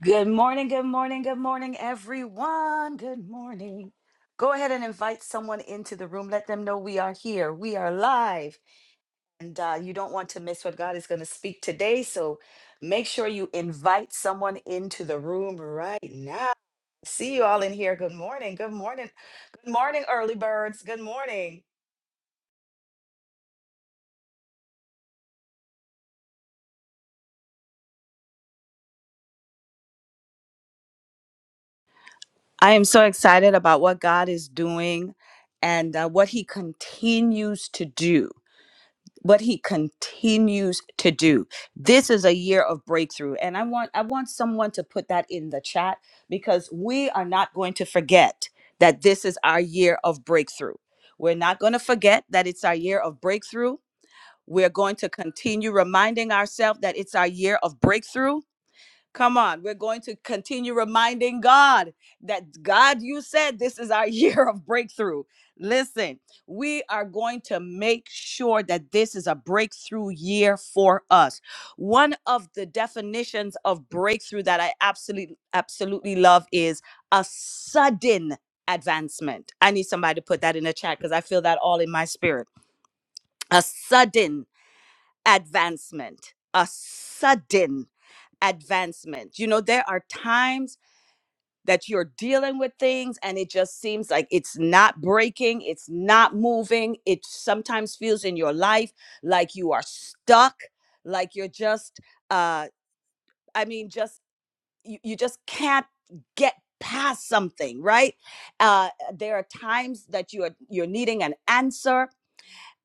Good morning, good morning, good morning, everyone. Good morning. Go ahead and invite someone into the room. Let them know we are here. We are live. And uh, you don't want to miss what God is going to speak today. So make sure you invite someone into the room right now. See you all in here. Good morning. Good morning. Good morning, early birds. Good morning. I am so excited about what God is doing and uh, what He continues to do. what he continues to do. This is a year of breakthrough and I want I want someone to put that in the chat because we are not going to forget that this is our year of breakthrough. We're not going to forget that it's our year of breakthrough. We're going to continue reminding ourselves that it's our year of breakthrough Come on, we're going to continue reminding God that God, you said this is our year of breakthrough. Listen, we are going to make sure that this is a breakthrough year for us. One of the definitions of breakthrough that I absolutely absolutely love is a sudden advancement. I need somebody to put that in the chat cuz I feel that all in my spirit. A sudden advancement. A sudden advancement. You know, there are times that you're dealing with things and it just seems like it's not breaking, it's not moving. It sometimes feels in your life like you are stuck, like you're just uh I mean just you, you just can't get past something, right? Uh there are times that you are you're needing an answer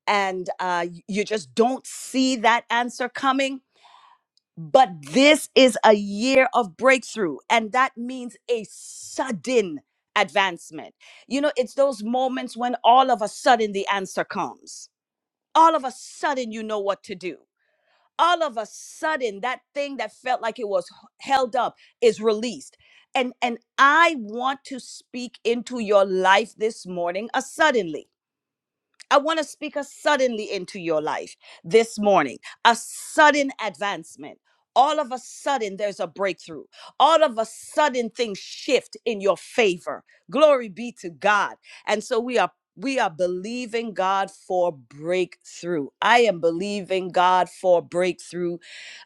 and uh y- you just don't see that answer coming but this is a year of breakthrough, and that means a sudden advancement. You know, it's those moments when all of a sudden the answer comes. All of a sudden, you know what to do. All of a sudden, that thing that felt like it was h- held up is released. And, and I want to speak into your life this morning, a suddenly. I want to speak a suddenly into your life this morning, a sudden advancement. All of a sudden, there's a breakthrough. All of a sudden, things shift in your favor. Glory be to God. And so we are. We are believing God for breakthrough. I am believing God for breakthrough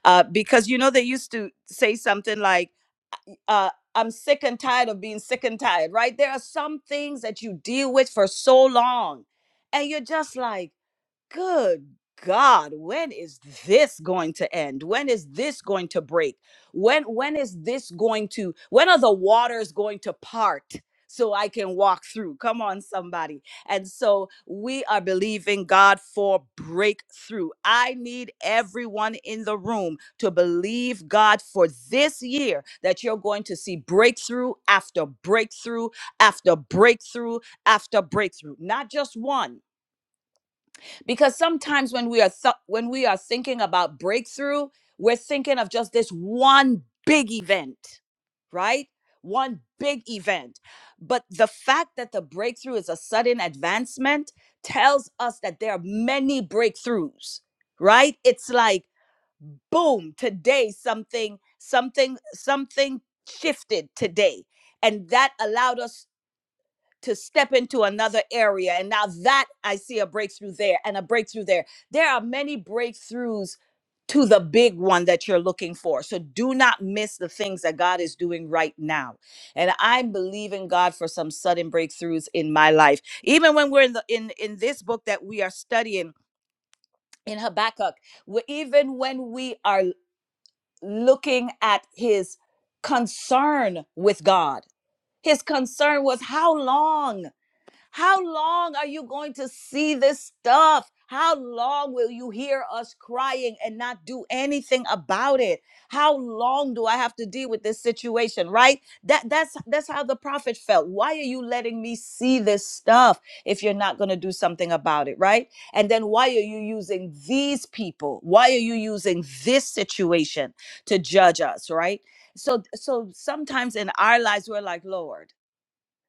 uh, because you know they used to say something like uh, I'm sick and tired of being sick and tired, right? There are some things that you deal with for so long, and you're just like, good god when is this going to end when is this going to break when when is this going to when are the waters going to part so i can walk through come on somebody and so we are believing god for breakthrough i need everyone in the room to believe god for this year that you're going to see breakthrough after breakthrough after breakthrough after breakthrough not just one because sometimes when we are th- when we are thinking about breakthrough we're thinking of just this one big event right one big event but the fact that the breakthrough is a sudden advancement tells us that there are many breakthroughs right it's like boom today something something something shifted today and that allowed us to step into another area. And now that I see a breakthrough there and a breakthrough there. There are many breakthroughs to the big one that you're looking for. So do not miss the things that God is doing right now. And I'm believing God for some sudden breakthroughs in my life. Even when we're in the in, in this book that we are studying in Habakkuk, wh- even when we are looking at his concern with God, his concern was how long? How long are you going to see this stuff? How long will you hear us crying and not do anything about it? How long do I have to deal with this situation, right? That that's that's how the prophet felt. Why are you letting me see this stuff if you're not going to do something about it, right? And then why are you using these people? Why are you using this situation to judge us, right? So so sometimes in our lives we're like, "Lord,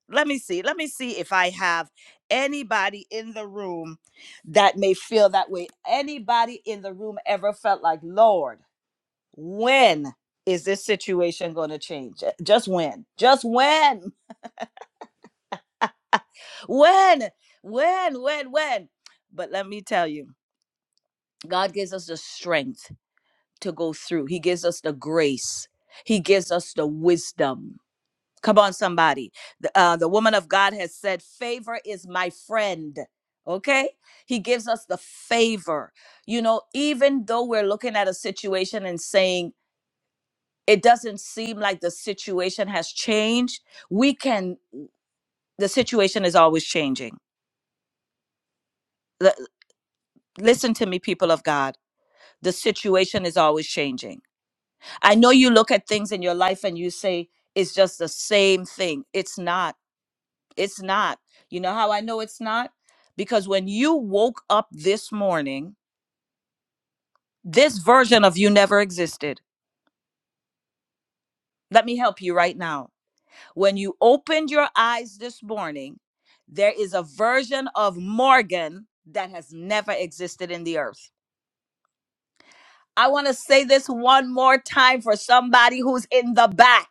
let me see. Let me see if I have anybody in the room that may feel that way. Anybody in the room ever felt like, Lord, when is this situation going to change? Uh, Just when? Just when? When? When? When? When? But let me tell you, God gives us the strength to go through, He gives us the grace, He gives us the wisdom. Come on, somebody. The, uh, the woman of God has said, Favor is my friend. Okay? He gives us the favor. You know, even though we're looking at a situation and saying, It doesn't seem like the situation has changed, we can, the situation is always changing. L- listen to me, people of God. The situation is always changing. I know you look at things in your life and you say, It's just the same thing. It's not It's not. You know how I know it's not? Because when you woke up this morning, this version of you never existed. Let me help you right now. When you opened your eyes this morning, there is a version of Morgan that has never existed in the earth. I want to say this one more time for somebody who's in the back.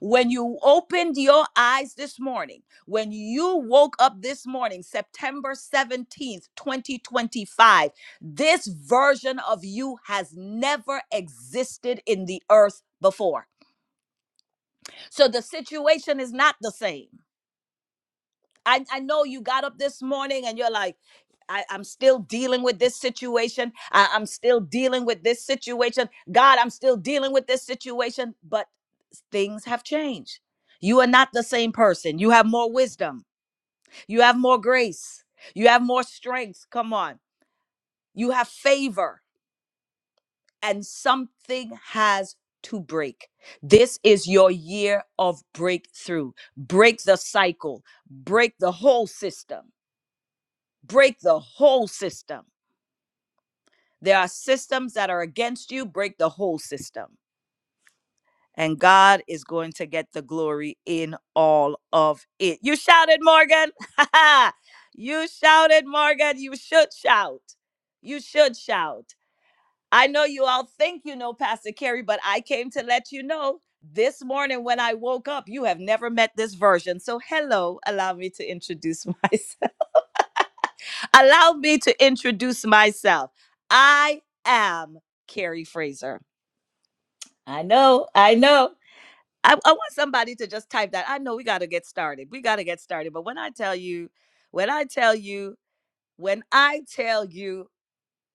When you opened your eyes this morning, when you woke up this morning, September 17th, 2025, this version of you has never existed in the earth before. So the situation is not the same. I, I know you got up this morning and you're like, I, I'm still dealing with this situation. I, I'm still dealing with this situation. God, I'm still dealing with this situation. But things have changed. You are not the same person. You have more wisdom. You have more grace. You have more strength. Come on. You have favor. And something has to break. This is your year of breakthrough. Break the cycle, break the whole system. break the whole system. There are systems that are against you, break the whole system. And God is going to get the glory in all of it. You shouted, Morgan. you shouted, Morgan. You should shout. You should shout. I know you all think you know Pastor Carey, but I came to let you know this morning when I woke up, you have never met this version. So, hello, allow me to introduce myself. Allow me to introduce myself. I am Carrie Fraser. I know, I know. I, I want somebody to just type that. I know we got to get started. We got to get started. But when I tell you, when I tell you, when I tell you,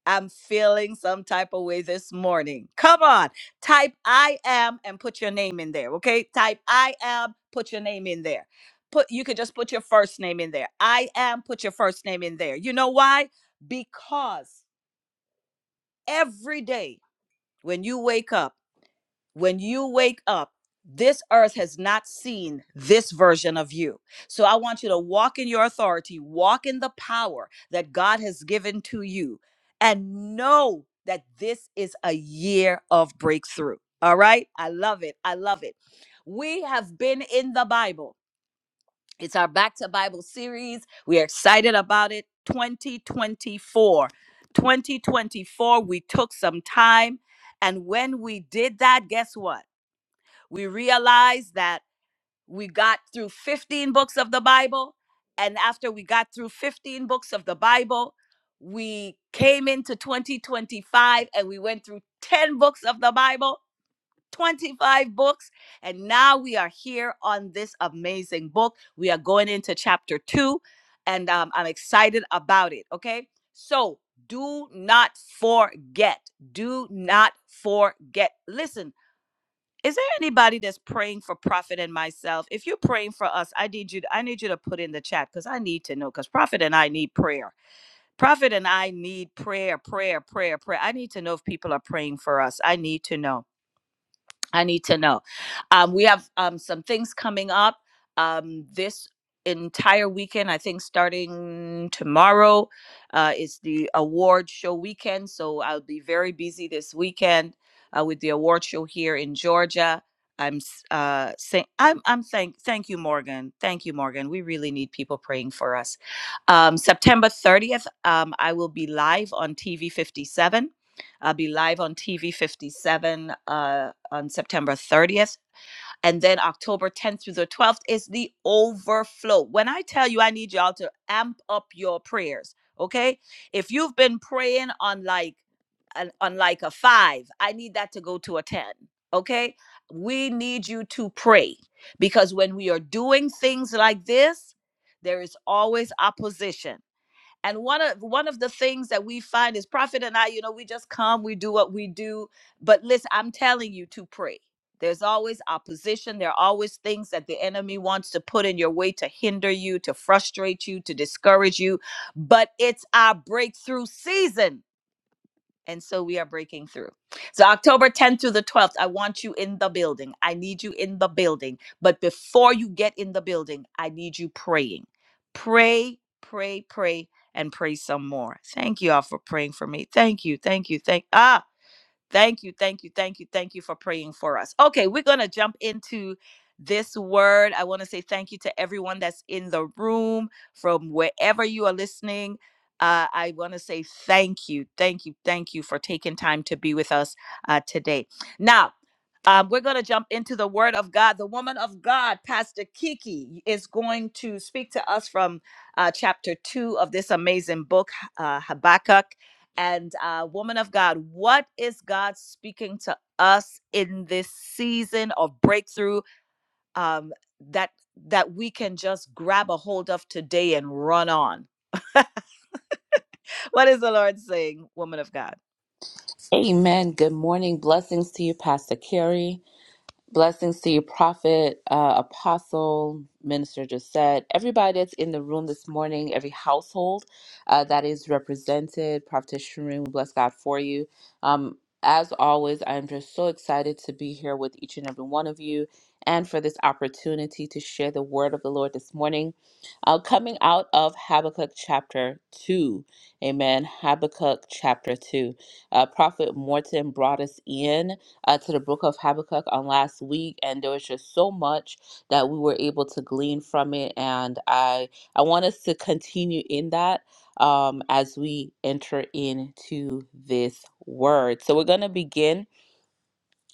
I'm feeling some type of way this morning. Come on, type I am and put your name in there. Okay, type I am, put your name in there. Put you could just put your first name in there. I am, put your first name in there. You know why? Because every day when you wake up, when you wake up, this earth has not seen this version of you. So I want you to walk in your authority, walk in the power that God has given to you, and know that this is a year of breakthrough. All right? I love it. I love it. We have been in the Bible. It's our Back to Bible series. We are excited about it. 2024. 2024, we took some time. And when we did that, guess what? We realized that we got through 15 books of the Bible. And after we got through 15 books of the Bible, we came into 2025 and we went through 10 books of the Bible. 25 books. And now we are here on this amazing book. We are going into chapter two, and um, I'm excited about it. Okay. So do not forget. Do not forget. Listen, is there anybody that's praying for Prophet and myself? If you're praying for us, I need you. I need you to put in the chat because I need to know. Because Prophet and I need prayer. Prophet and I need prayer, prayer, prayer, prayer. I need to know if people are praying for us. I need to know. I need to know. Um, we have um, some things coming up um, this entire weekend. I think starting tomorrow uh, is the award show weekend. So I'll be very busy this weekend uh, with the award show here in Georgia. I'm s- uh, saying I'm I'm thank thank you Morgan thank you Morgan we really need people praying for us. Um, September 30th um, I will be live on TV 57 I'll be live on TV 57 uh, on September 30th. And then October 10th through the 12th is the overflow. When I tell you, I need y'all to amp up your prayers, okay? If you've been praying on like, an, on like a five, I need that to go to a 10, okay? We need you to pray because when we are doing things like this, there is always opposition and one of one of the things that we find is Prophet and I, you know, we just come, we do what we do. But listen, I'm telling you to pray. There's always opposition. There are always things that the enemy wants to put in your way to hinder you, to frustrate you, to discourage you. But it's our breakthrough season and so we are breaking through. So October 10th through the 12th, I want you in the building. I need you in the building. But before you get in the building, I need you praying. Pray, pray, pray, and pray some more. Thank you all for praying for me. Thank you, thank you, thank ah. Thank you, thank you, thank you, thank you for praying for us. Okay, we're going to jump into this word. I want to say thank you to everyone that's in the room from wherever you are listening. Uh, I want to say thank you, thank you, thank you for taking time to be with us uh, today. Now, um, we're going to jump into the word of God. The woman of God, Pastor Kiki, is going to speak to us from uh, chapter two of this amazing book, uh, Habakkuk. And uh, woman of God, what is God speaking to us in this season of breakthrough um, that that we can just grab a hold of today and run on? What is the Lord saying, woman of God? Amen. Good morning. Blessings to you, Pastor Carey. Blessings to you, Prophet, uh, Apostle, Minister Josette, everybody that's in the room this morning, every household uh, that is represented. Prophet Shireen, we bless God for you. Um, as always, I'm just so excited to be here with each and every one of you and for this opportunity to share the word of the Lord this morning. Uh, coming out of Habakkuk chapter 2. Amen. Habakkuk chapter 2. Uh, Prophet Morton brought us in uh, to the book of Habakkuk on last week, and there was just so much that we were able to glean from it. And I I want us to continue in that um, as we enter into this word. So we're going to begin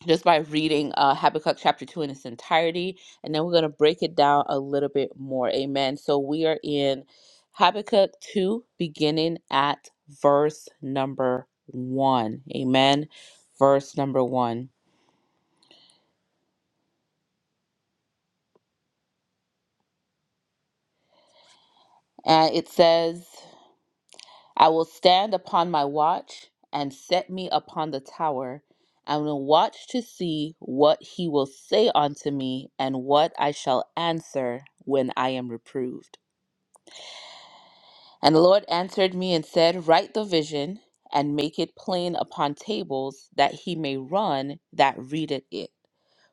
just by reading uh, Habakkuk chapter two in its entirety, and then we're going to break it down a little bit more. Amen. So we are in Habakkuk two, beginning at verse number one. Amen. Verse number one. And it says, I will stand upon my watch and set me upon the tower and will watch to see what he will say unto me and what I shall answer when I am reproved. And the Lord answered me and said, Write the vision and make it plain upon tables, that he may run that readeth it.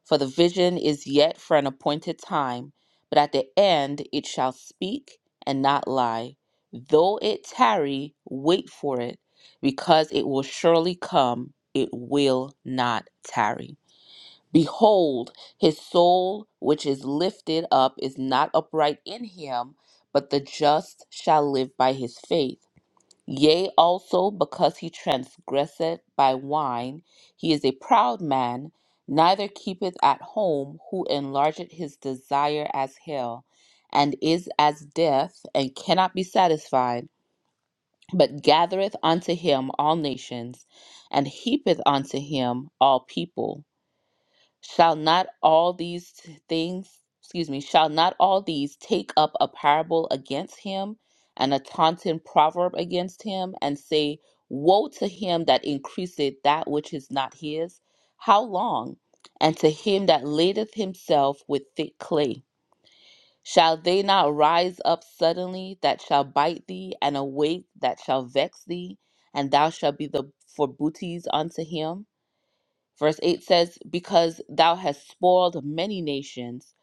For the vision is yet for an appointed time, but at the end it shall speak and not lie. Though it tarry, wait for it, because it will surely come, it will not tarry. Behold, his soul, which is lifted up, is not upright in him, but the just shall live by his faith. Yea, also, because he transgresseth by wine, he is a proud man, neither keepeth at home, who enlargeth his desire as hell, and is as death, and cannot be satisfied, but gathereth unto him all nations, and heapeth unto him all people. Shall not all these t- things, excuse me, shall not all these take up a parable against him and a taunting proverb against him and say, Woe to him that increaseth that which is not his? How long? And to him that ladeth himself with thick clay. Shall they not rise up suddenly that shall bite thee, and awake that shall vex thee, and thou shalt be the for booties unto him? Verse 8 says, Because thou hast spoiled many nations,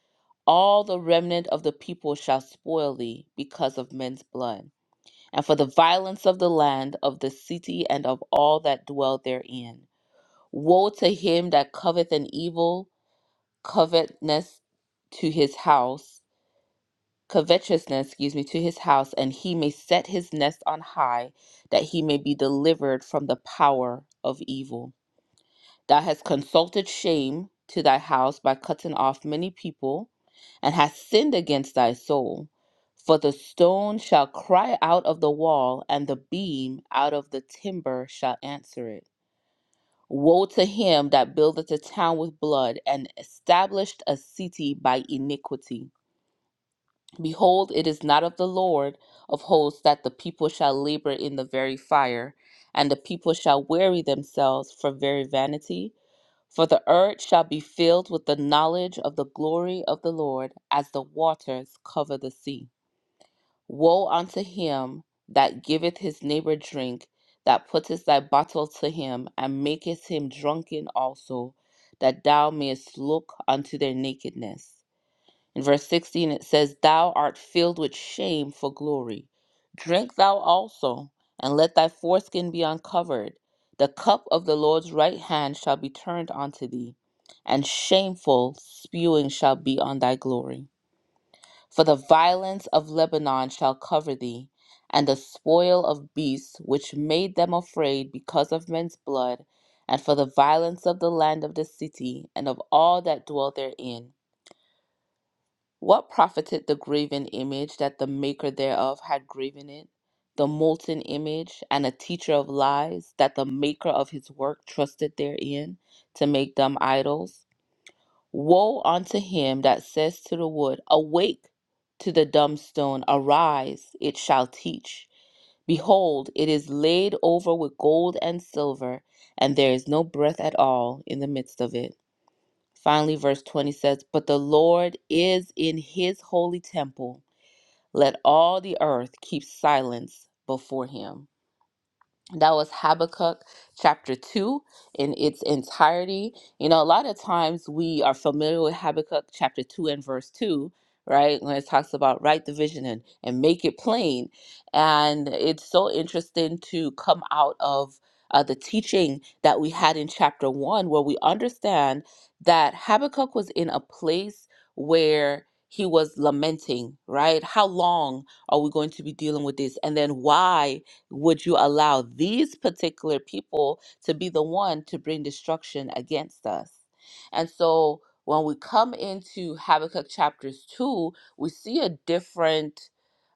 all the remnant of the people shall spoil thee because of men's blood, and for the violence of the land, of the city, and of all that dwell therein. Woe to him that coveth an evil, covetousness to his house, covetousness, excuse me, to his house, and he may set his nest on high, that he may be delivered from the power of evil. Thou hast consulted shame to thy house by cutting off many people, and hast sinned against thy soul. For the stone shall cry out of the wall, and the beam out of the timber shall answer it. Woe to him that buildeth a town with blood, and established a city by iniquity. Behold, it is not of the Lord of hosts that the people shall labor in the very fire, and the people shall weary themselves for very vanity for the earth shall be filled with the knowledge of the glory of the Lord as the waters cover the sea. Woe unto him that giveth his neighbor drink, that putteth thy bottle to him, and maketh him drunken also, that thou mayest look unto their nakedness. In verse 16, it says, Thou art filled with shame for glory. Drink thou also, and let thy foreskin be uncovered. The cup of the Lord's right hand shall be turned unto thee, and shameful spewing shall be on thy glory. For the violence of Lebanon shall cover thee, and the spoil of beasts which made them afraid because of men's blood, and for the violence of the land of the city, and of all that dwell therein. What profited the graven image that the maker thereof had graven it, the molten image, and a teacher of lies that the maker of his work trusted therein to make dumb idols? Woe unto him that says to the wood, Awake to the dumb stone, arise, it shall teach. Behold, it is laid over with gold and silver, and there is no breath at all in the midst of it. Finally, verse 20 says, But the Lord is in his holy temple. Let all the earth keep silence before him. That was Habakkuk chapter 2 in its entirety. You know, a lot of times we are familiar with Habakkuk chapter 2 and verse 2, right? When it talks about write the vision and, and make it plain. And it's so interesting to come out of uh, the teaching that we had in chapter 1, where we understand that Habakkuk was in a place where he was lamenting, right? How long are we going to be dealing with this? And then why? Would you allow these particular people to be the one to bring destruction against us? And so when we come into Habakkuk chapters 2, we see a different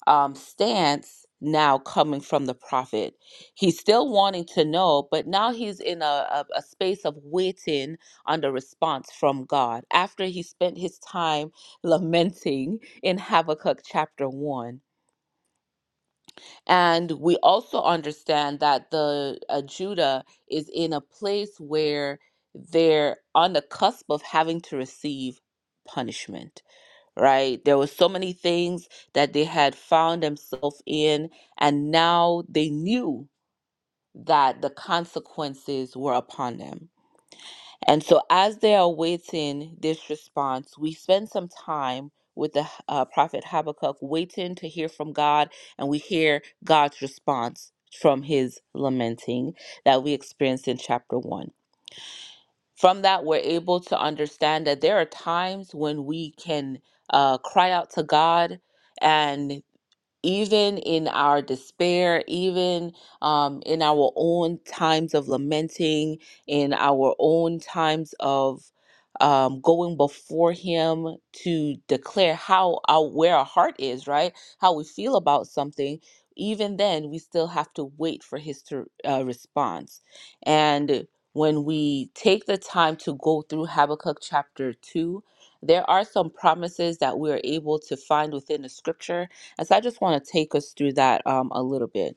um, stance now coming from the prophet. He's still wanting to know, but now he's in a, a, a space of waiting on the response from God after he spent his time lamenting in Habakkuk chapter 1. And we also understand that the uh, Judah is in a place where they're on the cusp of having to receive punishment, right? There were so many things that they had found themselves in, and now they knew that the consequences were upon them and so, as they are waiting this response, we spend some time with the uh, prophet Habakkuk, waiting to hear from God, and we hear God's response from his lamenting that we experienced in chapter one. From that, we're able to understand that there are times when we can uh, cry out to God. And even in our despair, even um, in our own times of lamenting, in our own times of um, going before Him to declare how our where our heart is, right? How we feel about something. Even then, we still have to wait for His to, uh, response. And when we take the time to go through Habakkuk chapter two, there are some promises that we are able to find within the Scripture and so I just want to take us through that um, a little bit.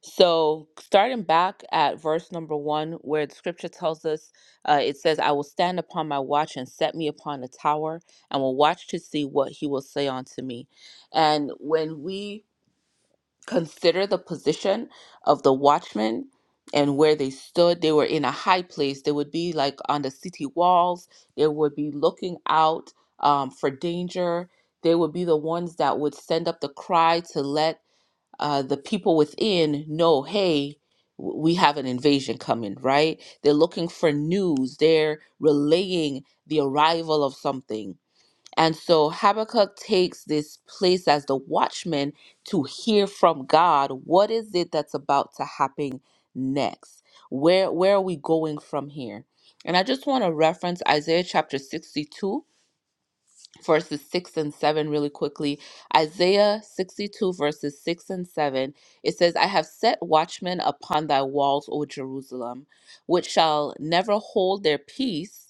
So, starting back at verse number one, where the scripture tells us, uh, it says, I will stand upon my watch and set me upon a tower and will watch to see what he will say unto me. And when we consider the position of the watchmen, and where they stood, they were in a high place. They would be like on the city walls. They would be looking out um, for danger they would be the ones that would send up the cry to let uh, the people within know, hey, w- we have an invasion coming, right? They're looking for news, they're relaying the arrival of something. And so Habakkuk takes this place as the watchman to hear from God what is it that's about to happen next? Where where are we going from here? And I just want to reference Isaiah chapter 62 verses 6 and 7 really quickly. Isaiah 62, verses 6 and 7, it says, I have set watchmen upon thy walls, O Jerusalem, which shall never hold their peace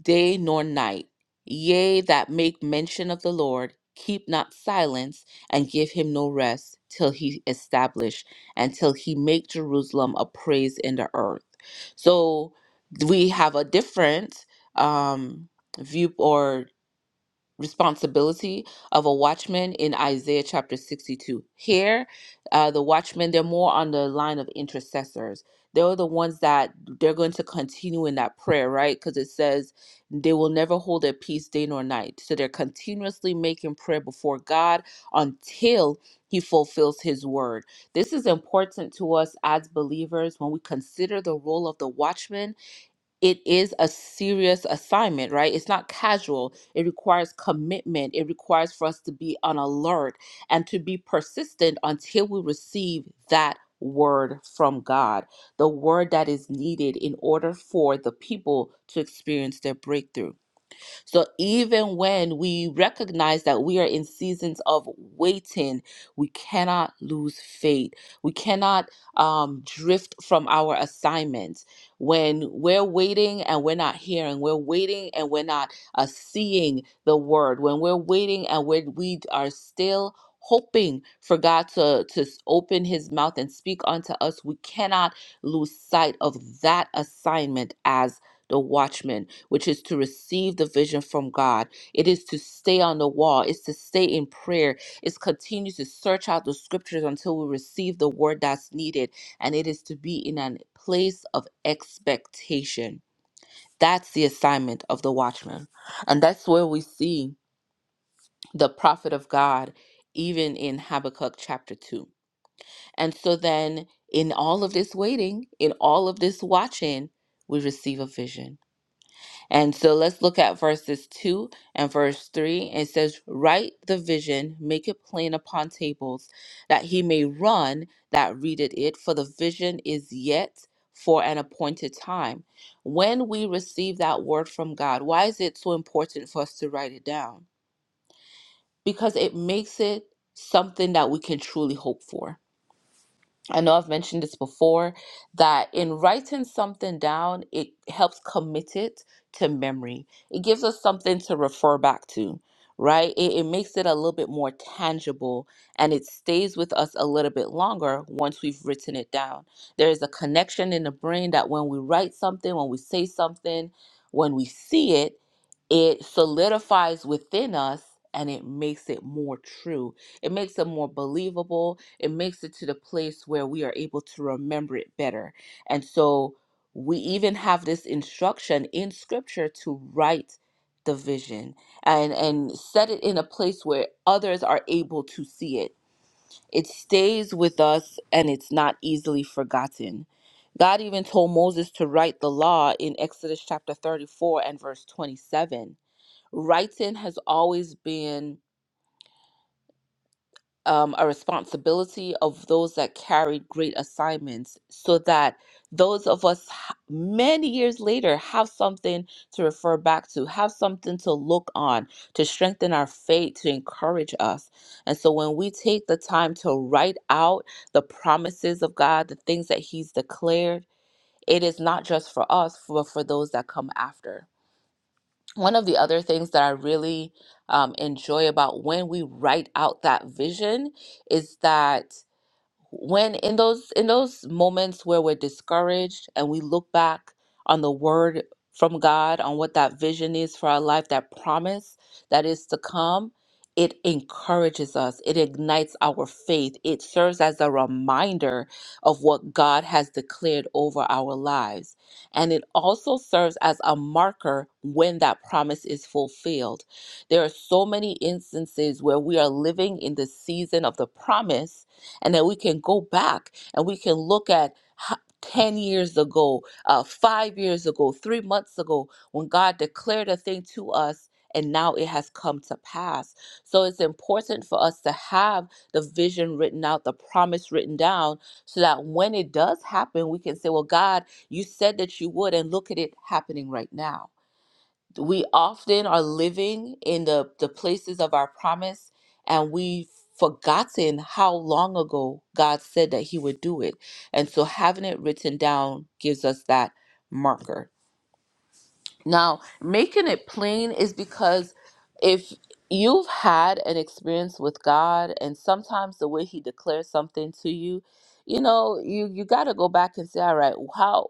day nor night. Yea, that make mention of the Lord, keep not silence, and give him no rest till he establish and till he make Jerusalem a praise in the earth. So we have a different um view or responsibility of a watchman in Isaiah chapter 62. Here, uh, the watchmen, they're more on the line of intercessors. They're the ones that they're going to continue in that prayer, right? Because it says they will never hold their peace day nor night. So they're continuously making prayer before God until he fulfills his word. This is important to us as believers when we consider the role of the watchman it is a serious assignment, right? It's not casual. It requires commitment. It requires for us to be on alert and to be persistent until we receive that word from God, the word that is needed in order for the people to experience their breakthrough. So even when we recognize that we are in seasons of waiting, we cannot lose faith. We cannot um, drift from our assignments. When we're waiting and we're not hearing, we're waiting and we're not uh, seeing the word, when we're waiting and we we are still hoping for God to, to s- open his mouth and speak unto us, we cannot lose sight of that assignment as the watchman, which is to receive the vision from God. It is to stay on the wall. It's to stay in prayer. It's continue to search out the scriptures until we receive the word that's needed. And it is to be in a place of expectation. That's the assignment of the watchman. And that's where we see the prophet of God, even in Habakkuk chapter 2. And so then, in all of this waiting, in all of this watching, we receive a vision and so let's look at verses 2 and verse 3. It says, Write the vision, make it plain upon tables, that he may run that readeth it, for the vision is yet for an appointed time. When we receive that word from God, why is it so important for us to write it down? Because it makes it something that we can truly hope for I know I've mentioned this before that in writing something down, it helps commit it to memory. It gives us something to refer back to, right? It, it makes it a little bit more tangible and it stays with us a little bit longer once we've written it down. There is a connection in the brain that when we write something, when we say something, when we see it, it solidifies within us and it makes it more true it makes it more believable. It makes it to the place where we are able to remember it better. And so we even have this instruction in scripture to write the vision and and set it in a place where others are able to see it. It stays with us and it's not easily forgotten. God even told Moses to write the law in Exodus chapter 34 and verse 27. Writing has always been um, a responsibility of those that carried great assignments so that those of us h- many years later have something to refer back to, have something to look on, to strengthen our faith, to encourage us. And so when we take the time to write out the promises of God, the things that He's declared, it is not just for us, but for those that come after one of the other things that I really um, enjoy about when we write out that vision is that when in those in those moments where we're discouraged and we look back on the word from God on what that vision is for our life that promise that is to come it encourages us it ignites our faith it serves as a reminder of what God has declared over our lives and it also serves as a marker when that promise is fulfilled there are so many instances where we are living in the season of the promise and that we can go back and we can look at ho- 10 years ago, uh, five years ago, three months ago, when God declared a thing to us and now it has come to pass. So it's important for us to have the vision written out, the promise written down, so that when it does happen, we can say, Well, God, you said that you would, and look at it happening right now we often are living in the, the places of our promise and we've forgotten how long ago God said that He would do it. And so having it written down gives us that marker. Now, making it plain is because if you've had an experience with God and sometimes the way he declares something to you, you know, you you got to go back and say, "All right, how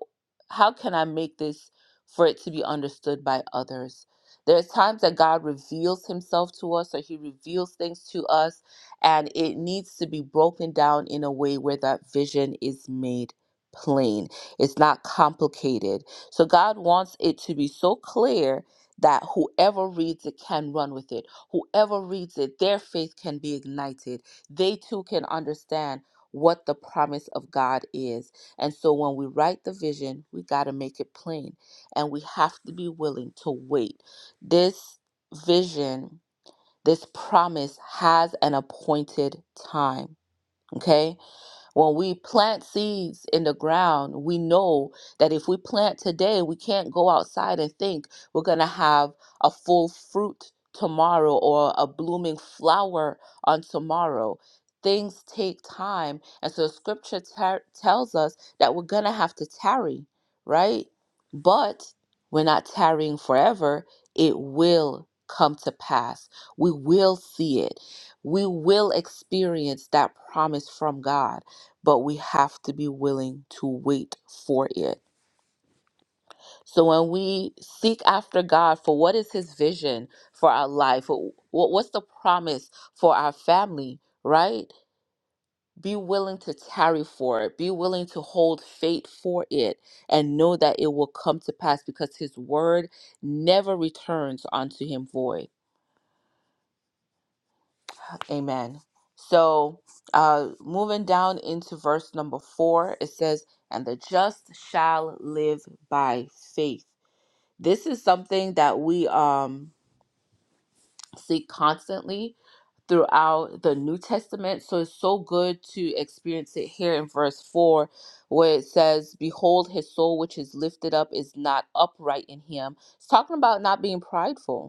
how can I make this for it to be understood by others?" There's times that God reveals himself to us or he reveals things to us and it needs to be broken down in a way where that vision is made plain. It's not complicated so God wants it to be so clear that whoever reads it can run with it. Whoever reads it, their faith can be ignited. They too can understand what the promise of God is. And so when we write the vision, we got to make it plain and we have to be willing to wait. This vision, this promise has an appointed time. Okay? When we plant seeds in the ground, we know that if we plant today, we can't go outside and think we're going to have a full fruit tomorrow or a blooming flower on tomorrow. Things take time. And so scripture tar- tells us that we're going to have to tarry, right? But we're not tarrying forever. It will come to pass. We will see it. We will experience that promise from God but we have to be willing to wait for it. So when we seek after God for what is his vision for our life, wh- wh- what's the promise for our family, right? Be willing to tarry for it. Be willing to hold fate for it and know that it will come to pass because his word never returns unto him void. Amen. So, uh, moving down into verse number four, it says, And the just shall live by faith. This is something that we um, see constantly throughout the New Testament. So, it's so good to experience it here in verse four, where it says, Behold, his soul which is lifted up is not upright in him. It's talking about not being prideful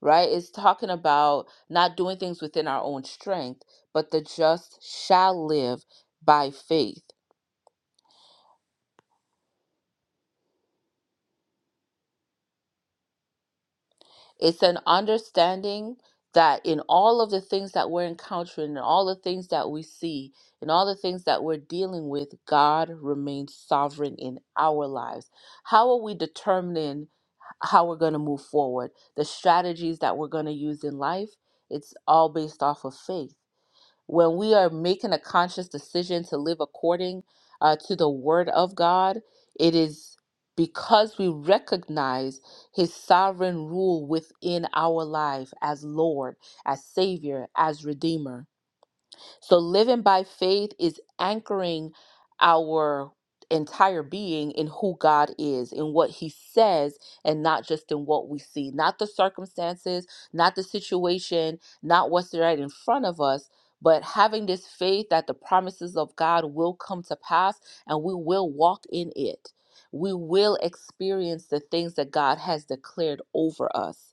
right? It's talking about not doing things within our own strength, but the just shall live by faith. It's an understanding that in all of the things that we're encountering, in all the things that we see, in all the things that we're dealing with, God remains sovereign in our lives. How are we determining how we're going to move forward? The strategies that we're going to use in life, it's all based off of faith when we are making a conscious decision to live according uh, to the word of God, it is because we recognize his sovereign rule within our life as Lord, as Savior, as Redeemer so living by faith is anchoring our entire being in who God is, in what He says, and not just in what we see, not the circumstances, not the situation, not what's right in front of us. But having this faith that the promises of God will come to pass and we will walk in it. We will experience the things that God has declared over us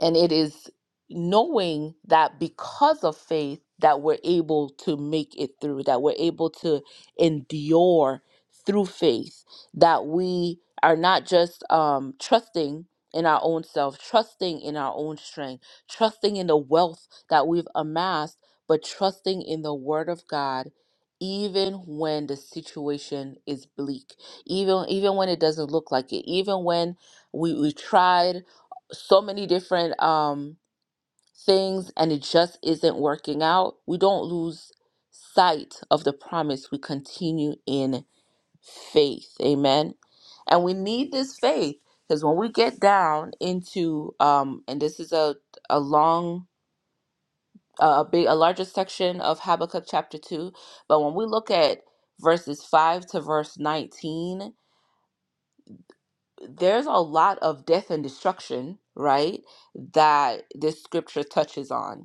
and it is knowing that because of faith that we're able to make it through that we're able to endure through faith that we are not just um, trusting in our own self trusting in our own strength trusting in the wealth that we've amassed but trusting in the word of god even when the situation is bleak even even when it doesn't look like it even when we we tried so many different um things and it just isn't working out, we don't lose sight of the promise. We continue in faith. Amen. And we need this faith because when we get down into um and this is a a long a big a larger section of Habakkuk chapter 2, but when we look at verses 5 to verse 19, there's a lot of death and destruction, right? That this scripture touches on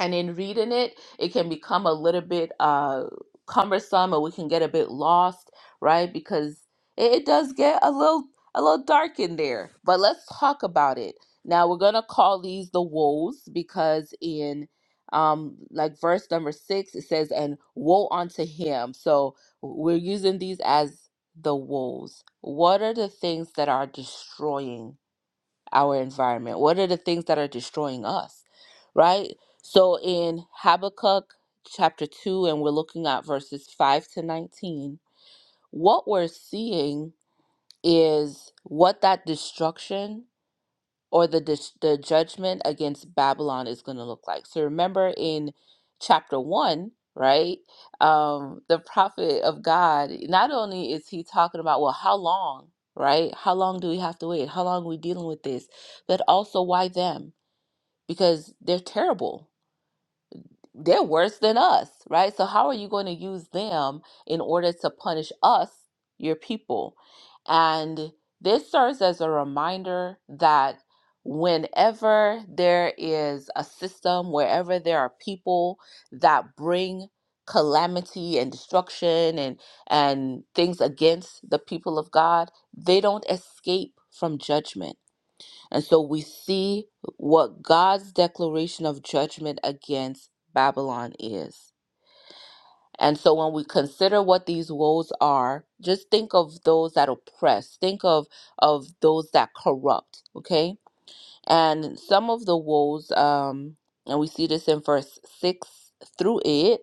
and in reading it it can become a little bit uh cumbersome or we can get a bit lost right because it, it does get a little a little dark in there but let's talk about it now we're gonna call these the woes because in um like verse number six it says and woe unto him so we're using these as the woes what are the things that are destroying our environment? What are the things that are destroying us, right? So in Habakkuk chapter 2, and we're looking at verses 5 to 19, what we're seeing is what that destruction or the dis- the judgment against Babylon is going to look like. So remember in chapter 1, right? Um the prophet of God not only is he talking about well how long, right? How long do we have to wait? How long are we dealing with this? But also why them? Because they're terrible they're worse than us, right? So how are you going to use them in order to punish us, your people? And this serves as a reminder that whenever there is a system, wherever there are people that bring calamity and destruction and and things against the people of God, they don't escape from judgment and so we see what God's declaration of judgment against Babylon is. And so when we consider what these woes are, just think of those that oppress, think of of those that corrupt, okay? And some of the woes um and we see this in verse 6 through 8,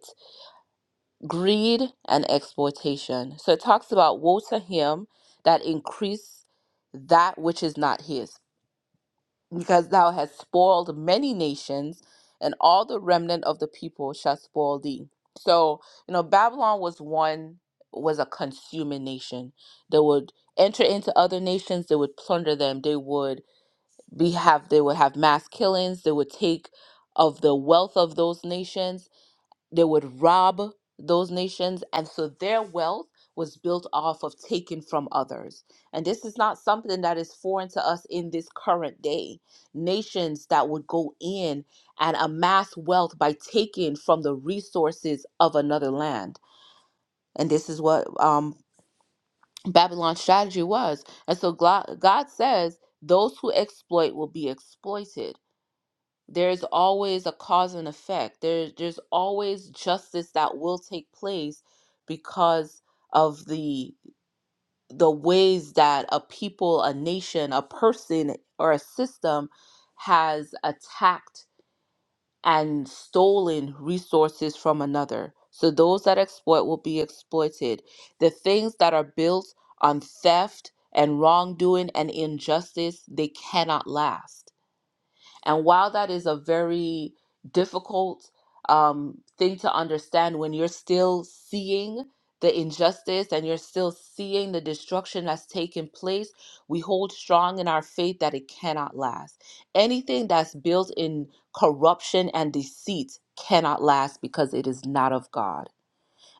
greed and exploitation. So it talks about woe to him that increase that which is not his. because thou hast spoiled many nations, and all the remnant of the people shall spoil thee. So, you know, Babylon was one, was a consuming nation. They would enter into other nations, they would plunder them, they would be have they would have mass killings, they would take of the wealth of those nations they would rob those nations. And so their wealth was built off of taking from others. And this is not something that is foreign to us in this current day. Nations that would go in and amass wealth by taking from the resources of another land. And this is what um, Babylon's strategy was. And so Glo- God says, those who exploit will be exploited there's always a cause and effect. There, there's always justice that will take place because of the the ways that a people, a nation, a person, or a system has attacked and stolen resources from another. So those that exploit will be exploited. The things that are built on theft and wrongdoing and injustice, they cannot last and while that is a very difficult um, thing to understand when you're still seeing the injustice and you're still seeing the destruction that's taken place, we hold strong in our faith that it cannot last. Anything that's built in corruption and deceit cannot last because it is not of God.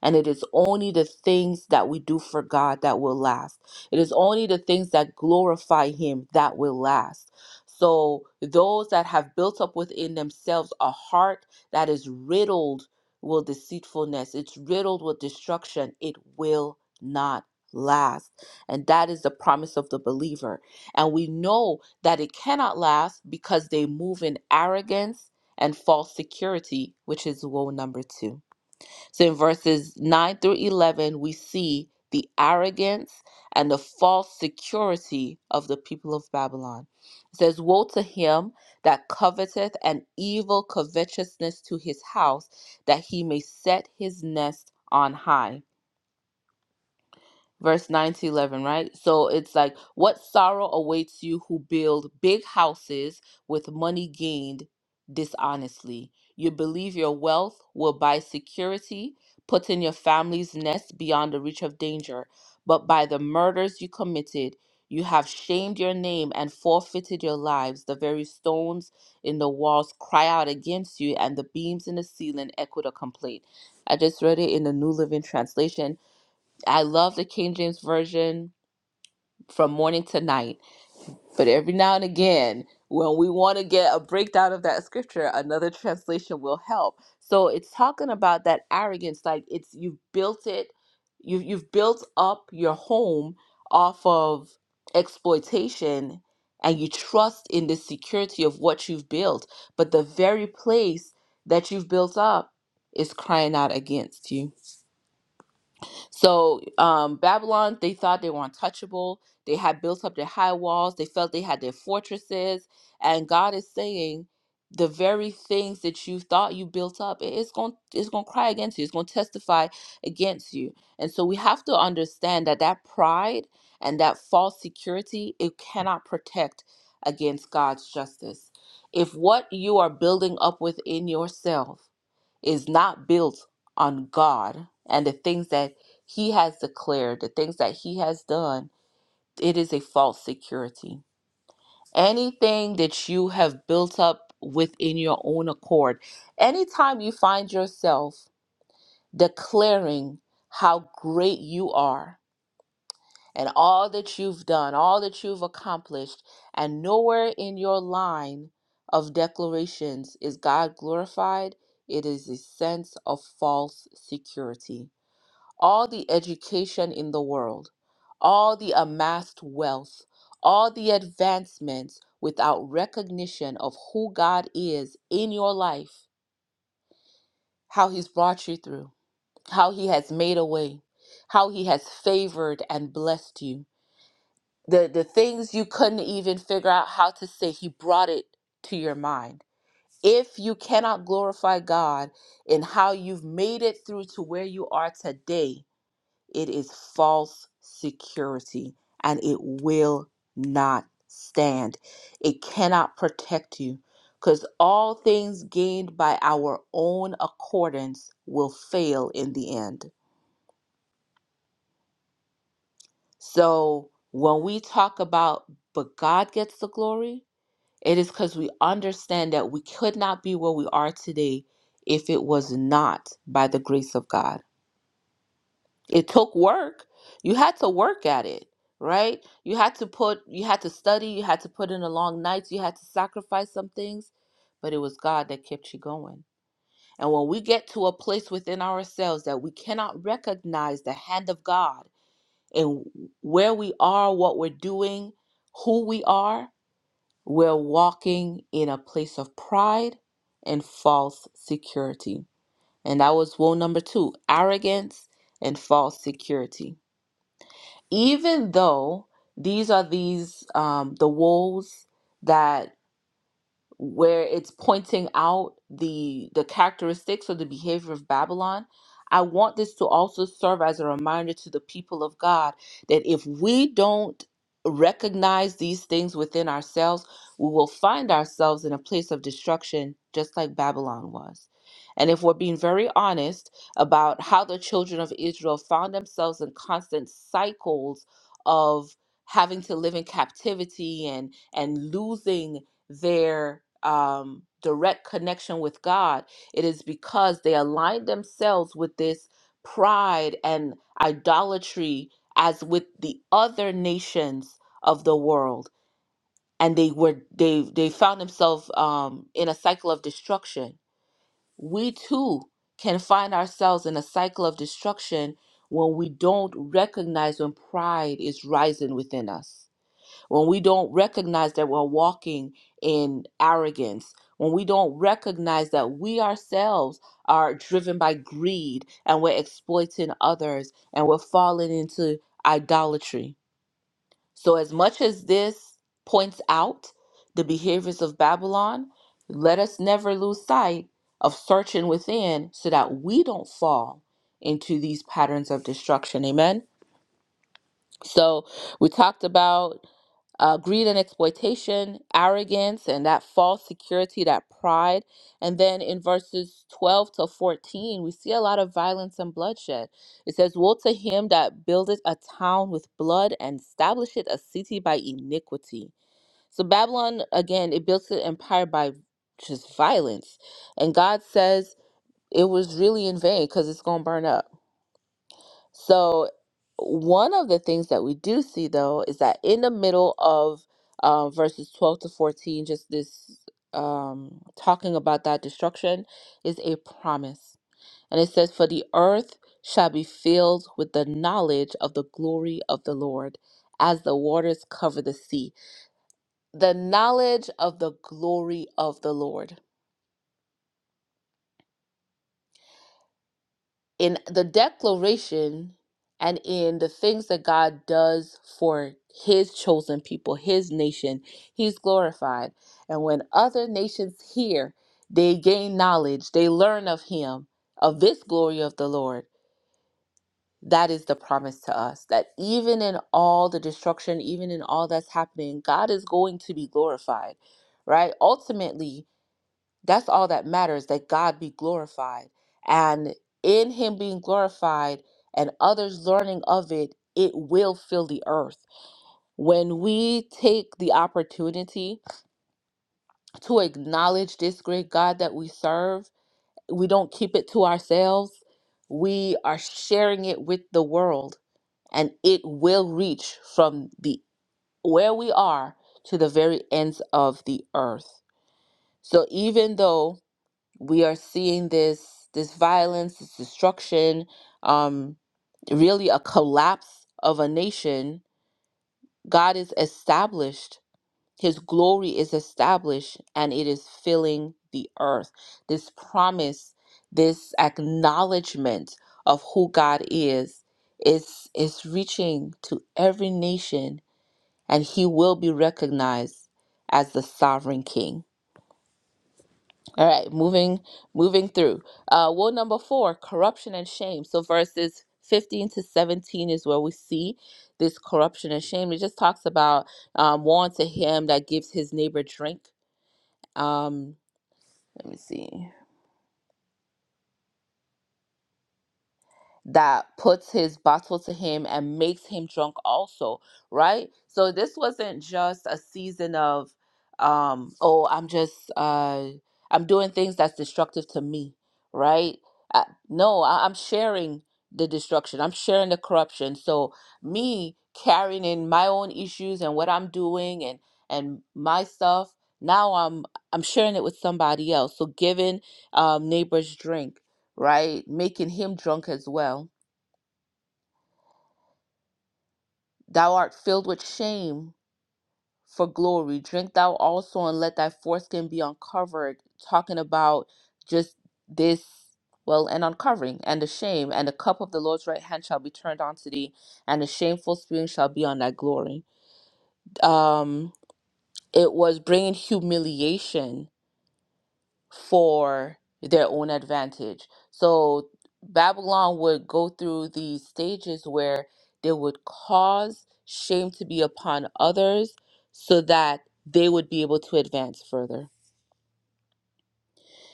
And it is only the things that we do for God that will last. It is only the things that glorify Him that will last. So, those that have built up within themselves a heart that is riddled with deceitfulness, it's riddled with destruction, it will not last. And that is the promise of the believer. And we know that it cannot last because they move in arrogance and false security, which is woe number two. So in verses 9 through 11, we see the arrogance and the false security of the people of Babylon. It says, Woe to him that coveteth an evil covetousness to his house, that he may set his nest on high verse 9 to 11, right? So it's like, what sorrow awaits you who build big houses with money gained dishonestly? You believe your wealth will buy security, put in your family's nest beyond the reach of danger. But by the murders you committed, you have shamed your name and forfeited your lives. The very stones in the walls cry out against you, and the beams in the ceiling echo the complaint. I just read it in the New Living Translation I love the King James Version from morning to night, but every now and again, when we want to get a breakdown of that scripture, another translation will help. So it's talking about that arrogance, like it's you've built it, you've you've built up your home off of exploitation and you trust in the security of what you've built, but the very place that you've built up is crying out against you. So um, Babylon, they thought they were untouchable. They had built up their high walls. They felt they had their fortresses. And God is saying, the very things that you thought you built up, it- it's going it's going to cry against you. It's going to testify against you. And so we have to understand that that pride and that false security, it cannot protect against God's justice. If what you are building up within yourself is not built on God and the things that he has declared, the things that he has done, it is a false security. Anything that you have built up within your own accord, anytime you find yourself declaring how great you are, and all that you've done, all that you've accomplished, and nowhere in your line of declarations is God glorified, it is a sense of false security. All the education in the world, all the amassed wealth, all the advancements without recognition of who God is in your life, how He's brought you through, how He has made a way, how He has favored and blessed you the the things you couldn't even figure out how to say he brought it to your mind if you cannot glorify god in how you've made it through to where you are today it is false security and it will not stand it cannot protect you because all things gained by our own accordance will fail in the end so when we talk about but god gets the glory It is because we understand that we could not be where we are today if it was not by the grace of God. It took work. You had to work at it, right? You had to put, you had to study, you had to put in the long nights, you had to sacrifice some things, but it was God that kept you going. And when we get to a place within ourselves that we cannot recognize the hand of God in where we are, what we're doing, who we are, we're walking in a place of pride and false security. And that was woe number two arrogance and false security. Even though these are these, um, the woes that where it's pointing out the the characteristics or the behavior of Babylon. I want this to also serve as a reminder to the people of God that if we don't recognize these things within ourselves, we will find ourselves in a place of destruction just like Babylon was. And if we're being very honest about how the children of Israel found themselves in constant cycles of having to live in captivity and and losing their um, direct connection with God, it is because they align themselves with this pride and idolatry as with the other nations of the world, and they were they they found themselves um, in a cycle of destruction. We too can find ourselves in a cycle of destruction when we don't recognize when pride is rising within us when we don't recognize that we're walking in arrogance, when we don't recognize that we ourselves are driven by greed and we're exploiting others and we're falling into idolatry. So, as much as this points out the behaviors of Babylon, let us never lose sight of searching within so that we don't fall into these patterns of destruction. Amen. So, we talked about uh, greed and exploitation, arrogance, and that false security, that pride. And then in verses 12 to 14, we see a lot of violence and bloodshed. It says, Woe to him that buildeth a town with blood and establisheth a city by iniquity. So Babylon, again, it built an empire by just violence. And God says it was really in vain because it's going to burn up. So, one of the things that we do see though is that in the middle of uh, verses 12 to 14, just this um, talking about that destruction is a promise. And it says, For the earth shall be filled with the knowledge of the glory of the Lord as the waters cover the sea. The knowledge of the glory of the Lord. in the declaration and in the things that God does for his chosen people, his nation, he's glorified. And when other nations hear, they gain knowledge, they learn of him, of this glory of the Lord. That is the promise to us that even in all the destruction, even in all that's happening, God is going to be glorified, right? Ultimately, that's all that matters that God be glorified. And in Him being glorified and others learning of it, it will fill the earth. When we take the opportunity to acknowledge this great God that we serve, we don't keep it to ourselves. We are sharing it with the world, and it will reach from the where we are to the very ends of the earth. So even though we are seeing this this violence, this destruction, um, really a collapse of a nation. God is established. His glory is established and it is filling the earth. This promise, this acknowledgement of who God is, is is reaching to every nation and he will be recognized as the sovereign king. All right, moving moving through. Uh, woe number four: corruption and shame. So verses fifteen to seventeen is where we see this corruption and shame. It just talks about um, woe unto him that gives his neighbor drink. Um, let me see. that puts his bottle to him and makes him drunk also right so this wasn't just a season of um oh i'm just uh i'm doing things that's destructive to me right uh, no I- i'm sharing the destruction i'm sharing the corruption so me carrying in my own issues and what i'm doing and and my stuff now i'm i'm sharing it with somebody else so giving um neighbors drink right? Making him drunk as well. Thou art filled with shame for glory. Drink thou also and let thy foreskin be uncovered. Talking about just this, well, and uncovering and the shame. And the cup of the Lord's right hand shall be turned unto thee, and the shameful spoon shall be on thy glory. Um, it was bringing humiliation for their own advantage. So Babylon would go through these stages where they would cause shame to be upon others so that they would be able to advance further.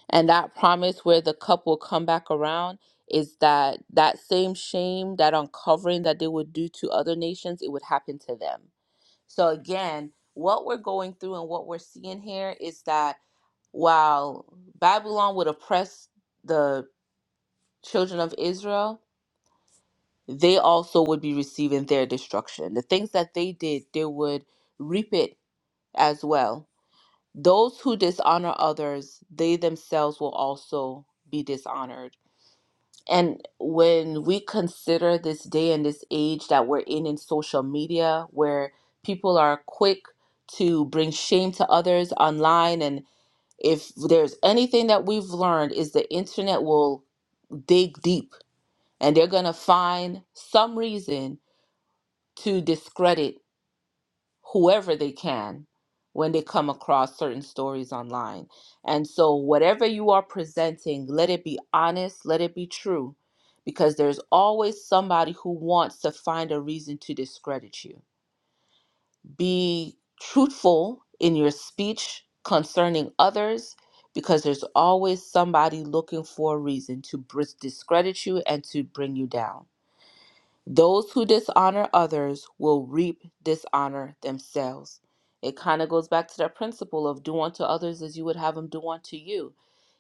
And that promise where the cup will come back around is that that same shame, that uncovering that they would do to other nations, it would happen to them. So again, what we're going through and what we're seeing here is that while Babylon would oppress the children of Israel, they also would be receiving their destruction. The things that they did, they would reap it as well. Those who dishonor others, they themselves will also be dishonored. And when we consider this day and this age that we're in in social media, where people are quick to bring shame to others online and if there's anything that we've learned is the internet will dig deep and they're going to find some reason to discredit whoever they can when they come across certain stories online. And so whatever you are presenting, let it be honest, let it be true because there's always somebody who wants to find a reason to discredit you. Be truthful in your speech concerning others because there's always somebody looking for a reason to bris- discredit you and to bring you down. Those who dishonor others will reap dishonor themselves. It kind of goes back to that principle of do unto others as you would have them do unto you.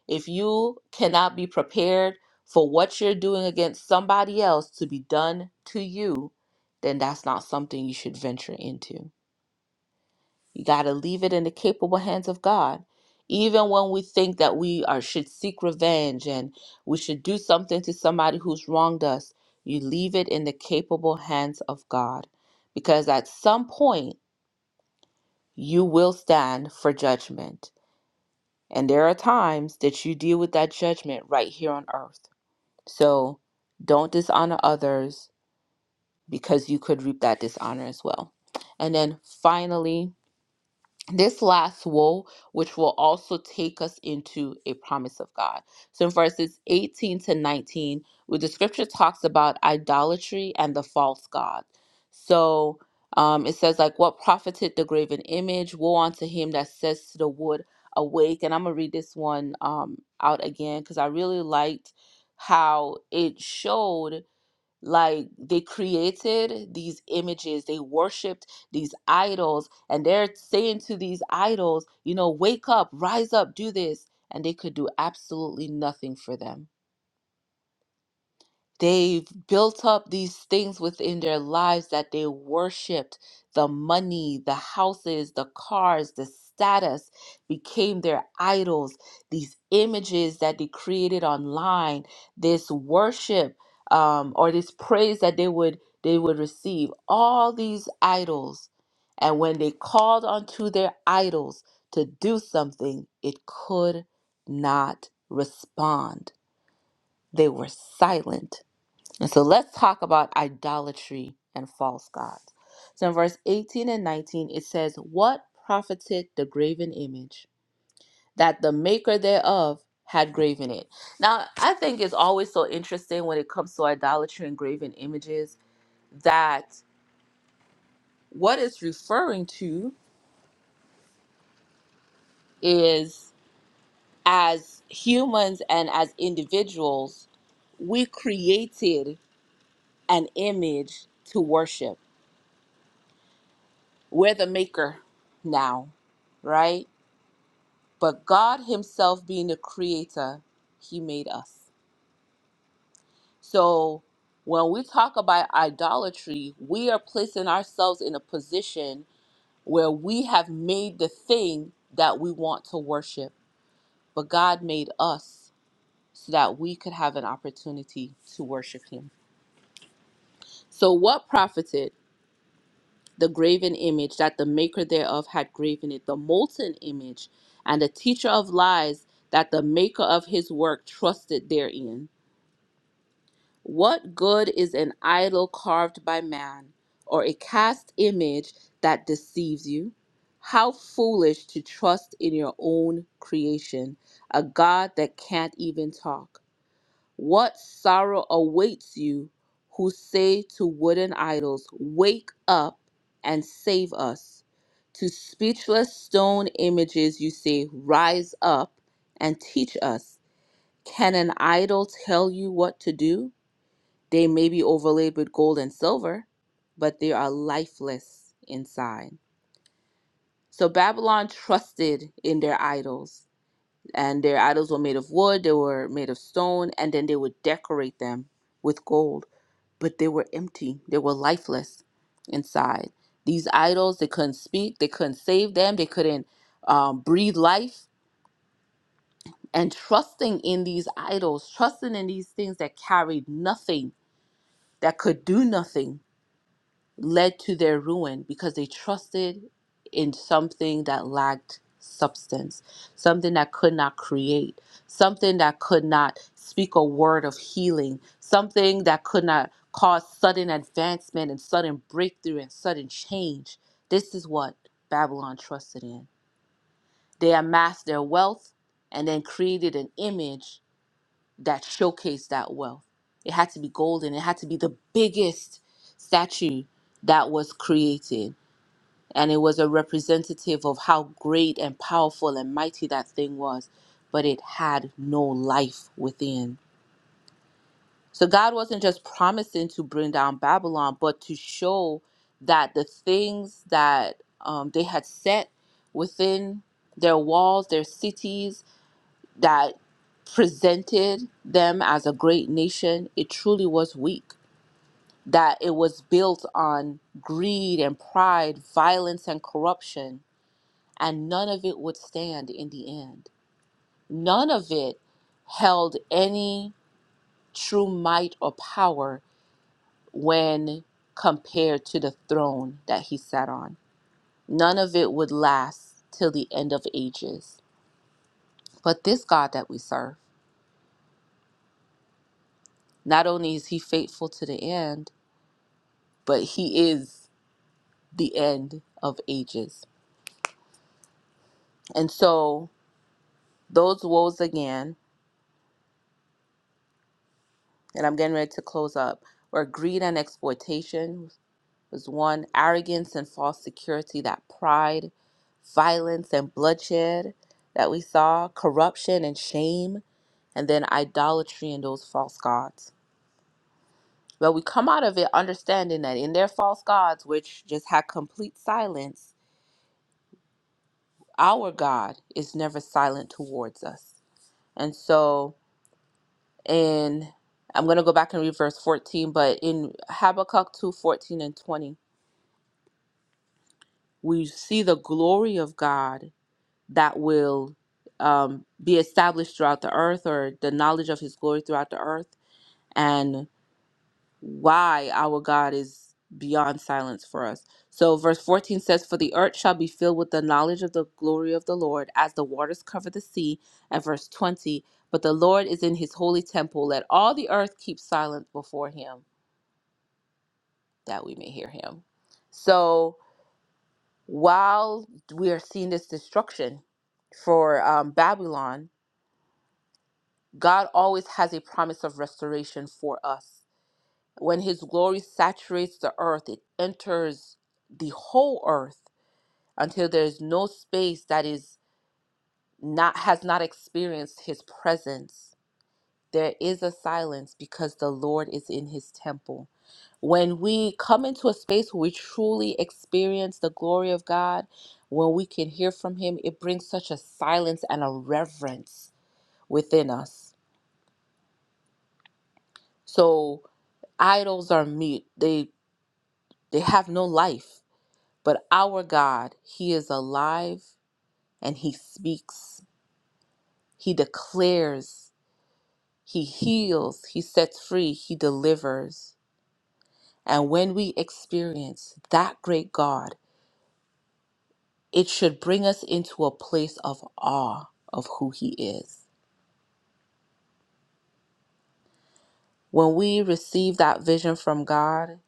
If you cannot be prepared for what you're doing against somebody else to be done to you, then that's not something you should venture into. You got to leave it in the capable hands of God. Even when we think that we are should seek revenge and we should do something to somebody who's wronged us, you leave it in the capable hands of God. Because at some point you will stand for judgment. And there are times that you deal with that judgment right here on earth. So don't dishonor others because you could reap that dishonor as well. And then finally, this last woe, which will also take us into a promise of God. So in verses 18 to 19, where the scripture talks about idolatry and the false God. So um, it says, like, what profited the graven image? Woe unto him that says to the wood, awake. And I'm going to read this one um, out again because I really liked how it showed like they created these images they worshiped these idols and they're saying to these idols you know wake up rise up do this and they could do absolutely nothing for them They've built up these things within their lives that they worshiped. The money, the houses, the cars, the status became their idols. These images that they created online, this worship um, or this praise that they would they would receive, all these idols. And when they called unto their idols to do something, it could not respond. They were silent and so let's talk about idolatry and false gods. So in verse 18 and 19, it says, What profited the graven image that the maker thereof had graven it? Now, I think it's always so interesting when it comes to idolatry and graven images that what it's referring to is as humans and as individuals, we created an image to worship We're the maker now, right? But God Himself being the creator, He made us. So when we talk about idolatry, we are placing ourselves in a position where we have made the thing that we want to worship. But God made us so that we could have an opportunity to worship Him. So, what profited? the graven image that the maker thereof had graven it, the molten image, and the teacher of lies that the maker of his work trusted therein. What good is an idol carved by man, or a cast image that deceives you? How foolish to trust in your own creation, a God that can't even talk. What sorrow awaits you who say to wooden idols, Wake up and save us? To speechless stone images you say, Rise up and teach us. Can an idol tell you what to do? They may be overlaid with gold and silver, but they are lifeless inside. So Babylon trusted in their idols, and their idols were made of wood, they were made of stone, and then they would decorate them with gold but they were empty. They were lifeless inside. These idols, they couldn't speak, they couldn't save them, they couldn't um, breathe life. And trusting in these idols, trusting in these things that carried nothing, that could do nothing, led to their ruin because they trusted in something that lacked substance, something that could not create, something that could not speak a word of healing, something that could not cause sudden advancement and sudden breakthrough and sudden change. This is what Babylon trusted in. They amassed their wealth and then created an image that showcased that wealth. It had to be golden. It had to be the biggest statue that was created. And it was a representative of how great and powerful and mighty that thing was. But it had no life within. So God wasn't just promising to bring down Babylon, but to show that the things that um, they had set within their walls, their cities, that presented them as a great nation, it truly was weak. That it was built on greed and pride, violence and corruption, and none of it would stand in the end. None of it held any true might or power when compared to the throne that he sat on. None of it would last till the end of ages. But this God that we serve, not only is he faithful to the end, but he is the end of ages. And so those woes again, and I'm getting ready to close up, were greed and exploitation was one, arrogance and false security, that pride, violence and bloodshed that we saw, corruption and shame, and then idolatry and those false gods. But we come out of it understanding that in their false gods, which just had complete silence, our God is never silent towards us. And so and I'm going to go back and read verse 14, but in Habakkuk 2 14 and 20, we see the glory of God that will um, be established throughout the earth or the knowledge of his glory throughout the earth and why our God is beyond silence for us. So, verse 14 says, For the earth shall be filled with the knowledge of the glory of the Lord as the waters cover the sea. And verse 20, But the Lord is in his holy temple. Let all the earth keep silent before him. that we may hear him. So while we are seeing this destruction for um, Babylon, God always has a promise of restoration for us. When his glory saturates the earth, it enters the whole earth until there is no space that is not has not experienced his presence There is a silence because the Lord is in his temple when we come into a space where we truly experience the glory of God, when we can hear from Him, it brings such a silence and a reverence within us. So idols are mute; they they have no life. But our God, He is alive and He speaks. He declares. He heals. He sets free. He delivers. And when we experience that great God, it should bring us into a place of awe of who He is. When we receive that vision from God,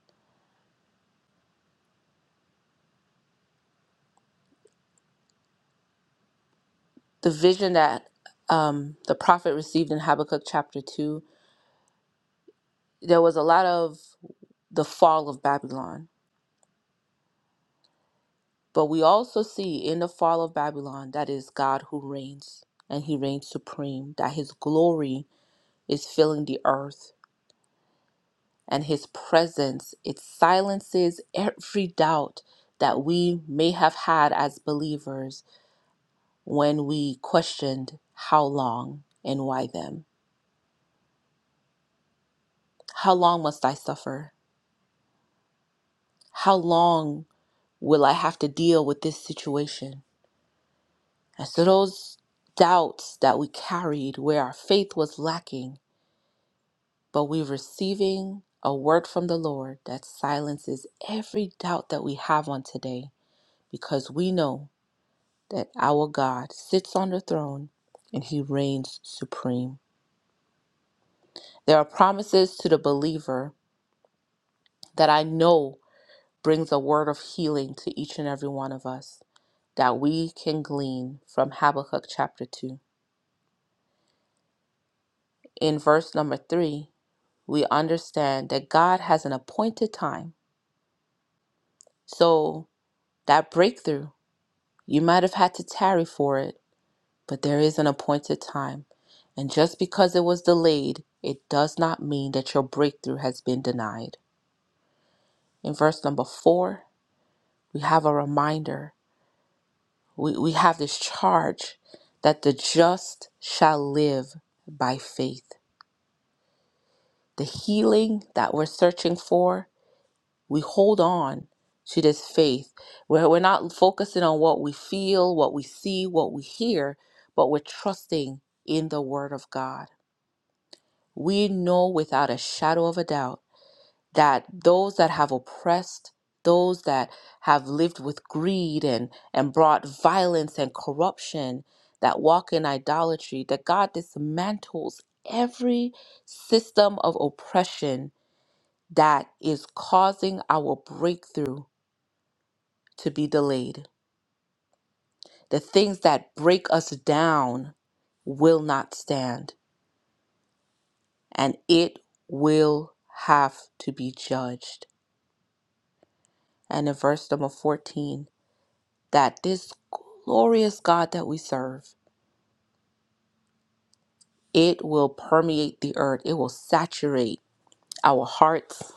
the vision that um, the prophet received in Habakkuk chapter 2, there was a lot of the fall of Babylon. But we also see in the fall of Babylon that is God who reigns and He reigns supreme, that His glory is filling the earth and his presence it silences every doubt that we may have had as believers when we questioned how long and why them how long must i suffer how long will i have to deal with this situation and so those doubts that we carried where our faith was lacking but we receiving a word from the lord that silences every doubt that we have on today because we know that our God sits on the throne and he reigns supreme. There are promises to the believer that I know brings a word of healing to each and every one of us that we can glean from Habakkuk chapter 2. In verse number 3, we understand that God has an appointed time. So that breakthrough, you might have had to tarry for it, But there is an appointed time, and just because it was delayed, it does not mean that your breakthrough has been denied. In verse number four, we have a reminder, we, we have this charge that the just shall live by faith. The healing that we're searching for, we hold on to this faith. We're, we're not focusing on what we feel, what we see, what we hear, but we're trusting in the Word of God we know without a shadow of a doubt that those that have oppressed, those that have lived with greed and, and brought violence and corruption, that walk in idolatry, that God dismantles every system of oppression that is causing our breakthrough to be delayed. The things that break us down will not stand, and it will have to be judged. and in verse number 14 that this glorious God that we serve it will permeate the earth it will saturate our hearts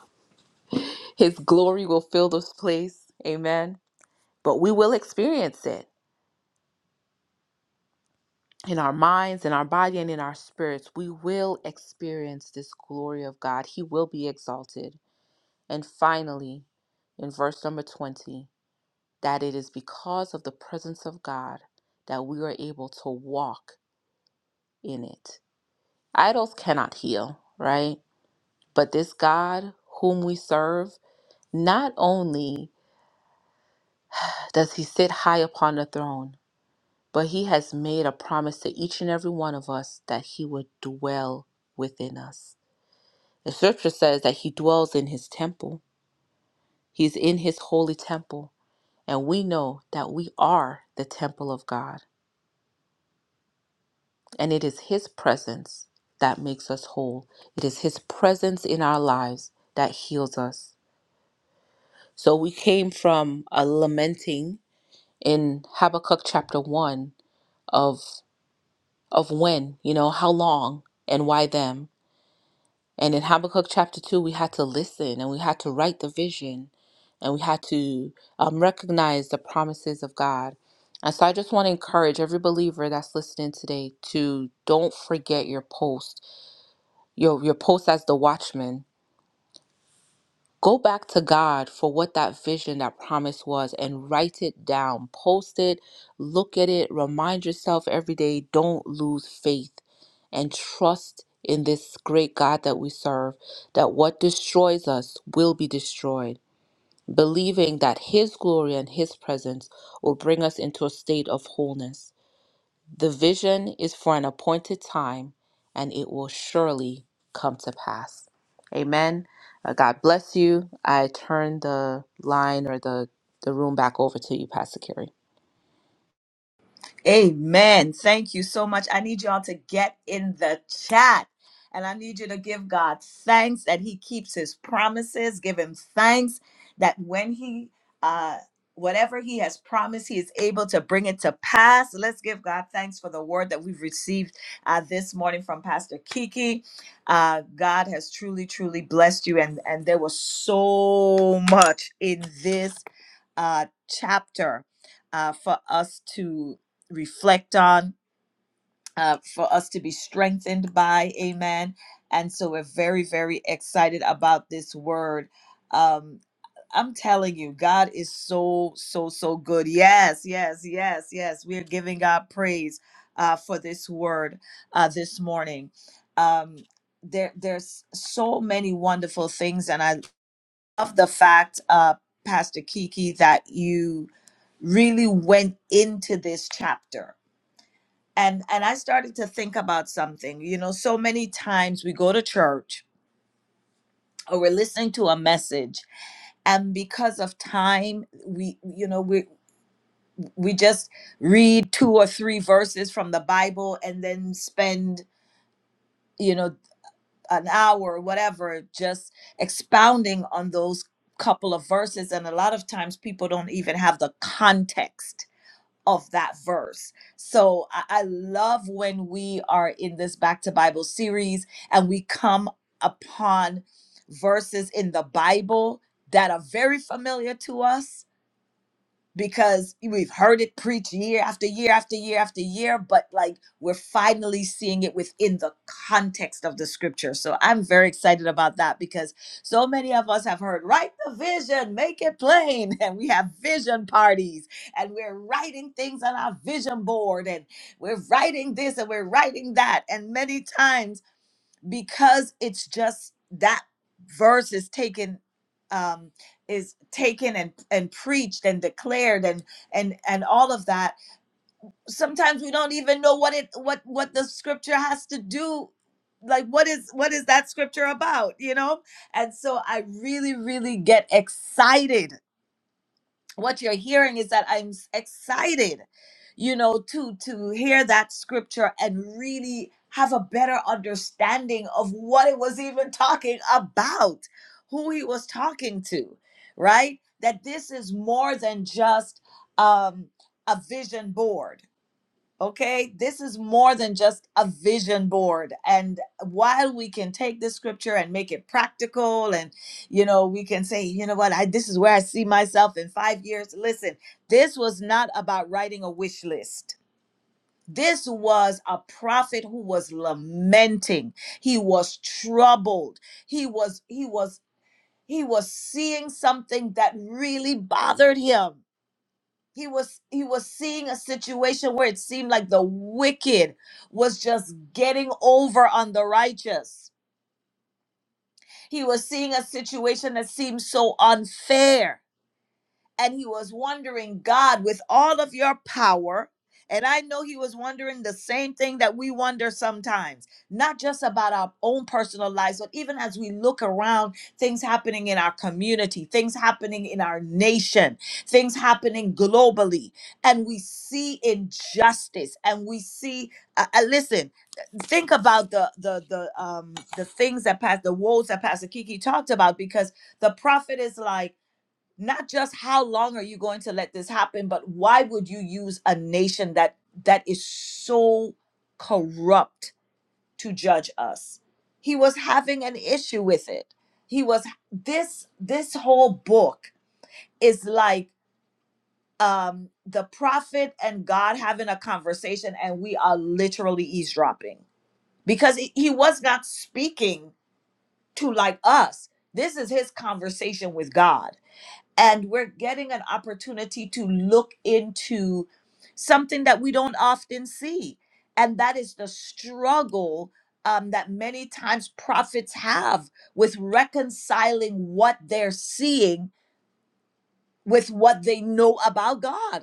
his glory will fill this place amen but we will experience it in our minds in our body and in our spirits we will experience this glory of God he will be exalted and finally in verse number 20 that it is because of the presence of God that we are able to walk in it Idols cannot heal, right? But this God whom we serve, not only does he sit high upon the throne, but he has made a promise to each and every one of us that he would dwell within us. The scripture says that he dwells in his temple, he's in his holy temple. And we know that we are the temple of God, and it is his presence that makes us whole. It is his presence in our lives that heals us. So we came from a lamenting in Habakkuk chapter 1 of of when, you know, how long and why them. And in Habakkuk chapter 2 we had to listen and we had to write the vision and we had to um, recognize the promises of God. And so I just want to encourage every believer that's listening today to don't forget your post, your your post as the watchman Go back to God for what that vision, that promise was, and write it down. Post it, look at it, remind yourself every day. Don't lose faith and trust in this great God that we serve, that what destroys us will be destroyed, believing that His glory and His presence will bring us into a state of wholeness. The vision is for an appointed time, and it will surely come to pass. Amen. Uh, God bless you. I turn the line or the, the room back over to you, Pastor Carrie. Amen. Thank you so much. I need y'all to get in the chat. And I need you to give God thanks that He keeps His promises. Give Him thanks that when He, uh, whatever He has promised, He is able to bring it to pass. Let's give God thanks for the word that we've received uh, this morning from Pastor Kiki. Uh, God has truly, truly blessed you. And, and there was so much in this uh, chapter uh, for us to reflect on, uh, for us to be strengthened by. Amen. And so we're very, very excited about this word. Um, I'm telling you, God is so, so, so good. Yes, yes, yes, yes. We are giving God praise uh, for this word uh, this morning. Um, there, there's so many wonderful things, and I love the fact, uh, Pastor Kiki, that you really went into this chapter and and i started to think about something you know so many times we go to church or we're listening to a message and because of time we you know we we just read two or three verses from the bible and then spend you know an hour or whatever just expounding on those couple of verses and a lot of times people don't even have the context of that verse. So I, I love when we are in this Back to Bible series and we come upon verses in the Bible that are very familiar to us because we've heard it preached year after year after year after year, but like we're finally seeing it within the context of the scripture. So I'm very excited about that because so many of us have heard, write the vision, make it plain. And we have vision parties and we're writing things on our vision board and we're writing this and we're writing that. And many times, because it's just that verse is taken um is taken and and preached and declared and and and all of that sometimes we don't even know what it what what the scripture has to do like what is what is that scripture about you know and so i really really get excited what you're hearing is that I'm s- excited, you know, to to hear that scripture and really have a better understanding of what it was even talking about, who he was talking to, right? That this is more than just um, a vision board Okay, this is more than just a vision board. And while we can take this scripture and make it practical, and you know, we can say, you know what, I this is where I see myself in five years. Listen, this was not about writing a wish list. This was a prophet who was lamenting. He was troubled. He was, he was, he was seeing something that really bothered him he was he was seeing a situation where it seemed like the wicked was just getting over on the righteous he was seeing a situation that seemed so unfair and he was wondering, God, with all of your power. And I know he was wondering the same thing that we wonder sometimes, not just about our own personal lives, but even as we look around, things happening in our community, things happening in our nation, things happening globally. And we see injustice and we see, uh, uh, listen, think about the, the, the, um, the things that pass, the woes that Pastor Kiki talked about, because the prophet is like, not just how long are you going to let this happen but why would you use a nation that that is so corrupt to judge us he was having an issue with it he was this this whole book is like um the prophet and god having a conversation and we are literally eavesdropping because he he was not speaking to like us this is his conversation with god and we're getting an opportunity to look into something that we don't often see and that is the struggle um, that many times prophets have with reconciling what they're seeing with what they know about god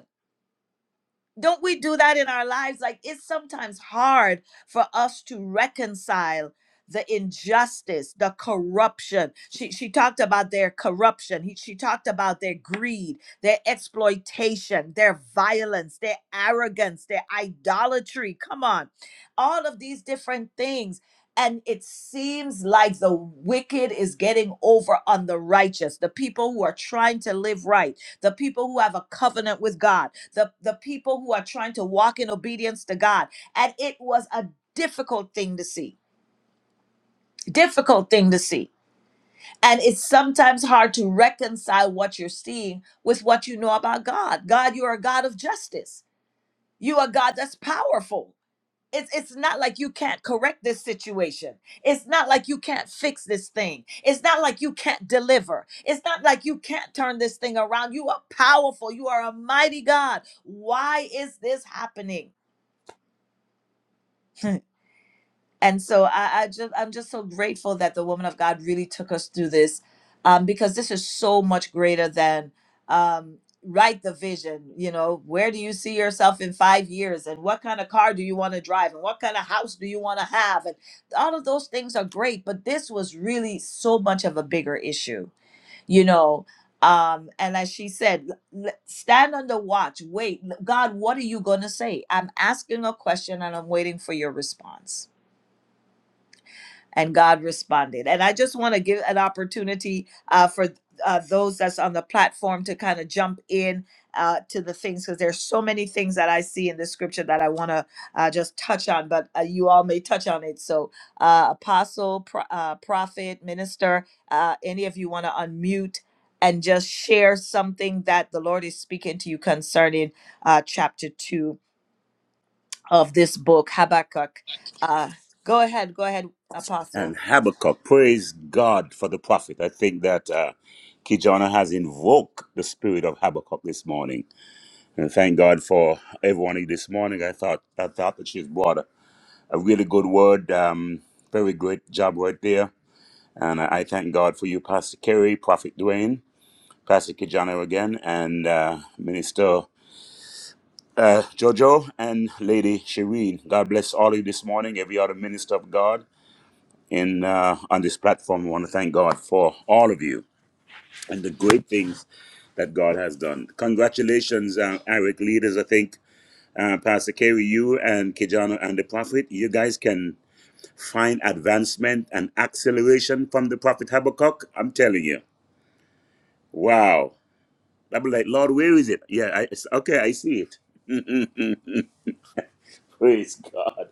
don't we do that in our lives? Like it's sometimes hard for us to reconcile the injustice, the corruption. She she talked about their corruption. He, she talked about their greed, their exploitation, their violence, their arrogance, their idolatry. Come on. All of these different things and it seems like the wicked is getting over on the righteous, the people who are trying to live right, the people who have a covenant with God the, the people who are trying to walk in obedience to God. And it was a difficult thing to see, difficult thing to see. And it's sometimes hard to reconcile what you're seeing with what you know about God. God, you're a God of justice, you are God that's powerful. It's, it's not like you can't correct this situation. It's not like you can't fix this thing. It's not like you can't deliver. It's not like you can't turn this thing around. You are powerful. You are a mighty God. Why is this happening? and so I, I just I'm just so grateful that the woman of God really took us through this, um, because this is so much greater than um, write the vision. You know, where do you see yourself in five years, and what kind of car do you want to drive, and what kind of house do you want to have, and all of those things are great. But this was really so much of a bigger issue. You know. Um, and as she said, l- l- stand on the watch. Wait, God, what are you going to say? I'm asking a question and I'm waiting for your response and God responded. And I just want to give an opportunity uh, for uh, those that's on the platform to kind of jump in uh, to the things because there's so many things that I see in the scripture that I want to uh, just touch on, but uh, you all may touch on it. So, uh, apostle, pro- uh, prophet, minister, uh, any of you want to unmute and just share something that the Lord is speaking to you concerning uh, chapter two of this book, Habakkuk. Uh, go ahead, go ahead, apostle. and Habakkuk. Praise God for the prophet. I think that uh, Kijana has invoked the spirit of Habakkuk this morning. And thank God for everyone here this morning. I thought I thought that she's brought a, a really good word. Um, very great job right there. And I, I thank God for you, Pastor Kerry, Prophet Dwayne, Pastor Kijana again, and uh, Minister. Uh, Jojo and Lady Shireen, God bless all of you this morning, every other minister of God. in uh, on this platform. I want to thank God for all of you and the great things that God has done. Congratulations, uh, Eric leaders. I think uh, Pastor Kerry, you and Kijano and the prophet, you guys can find advancement and acceleration from the prophet Habakkuk. I'm telling you, wow. I'll be like, Lord, where is it? Yeah, I, it's, okay, I see it. Praise God.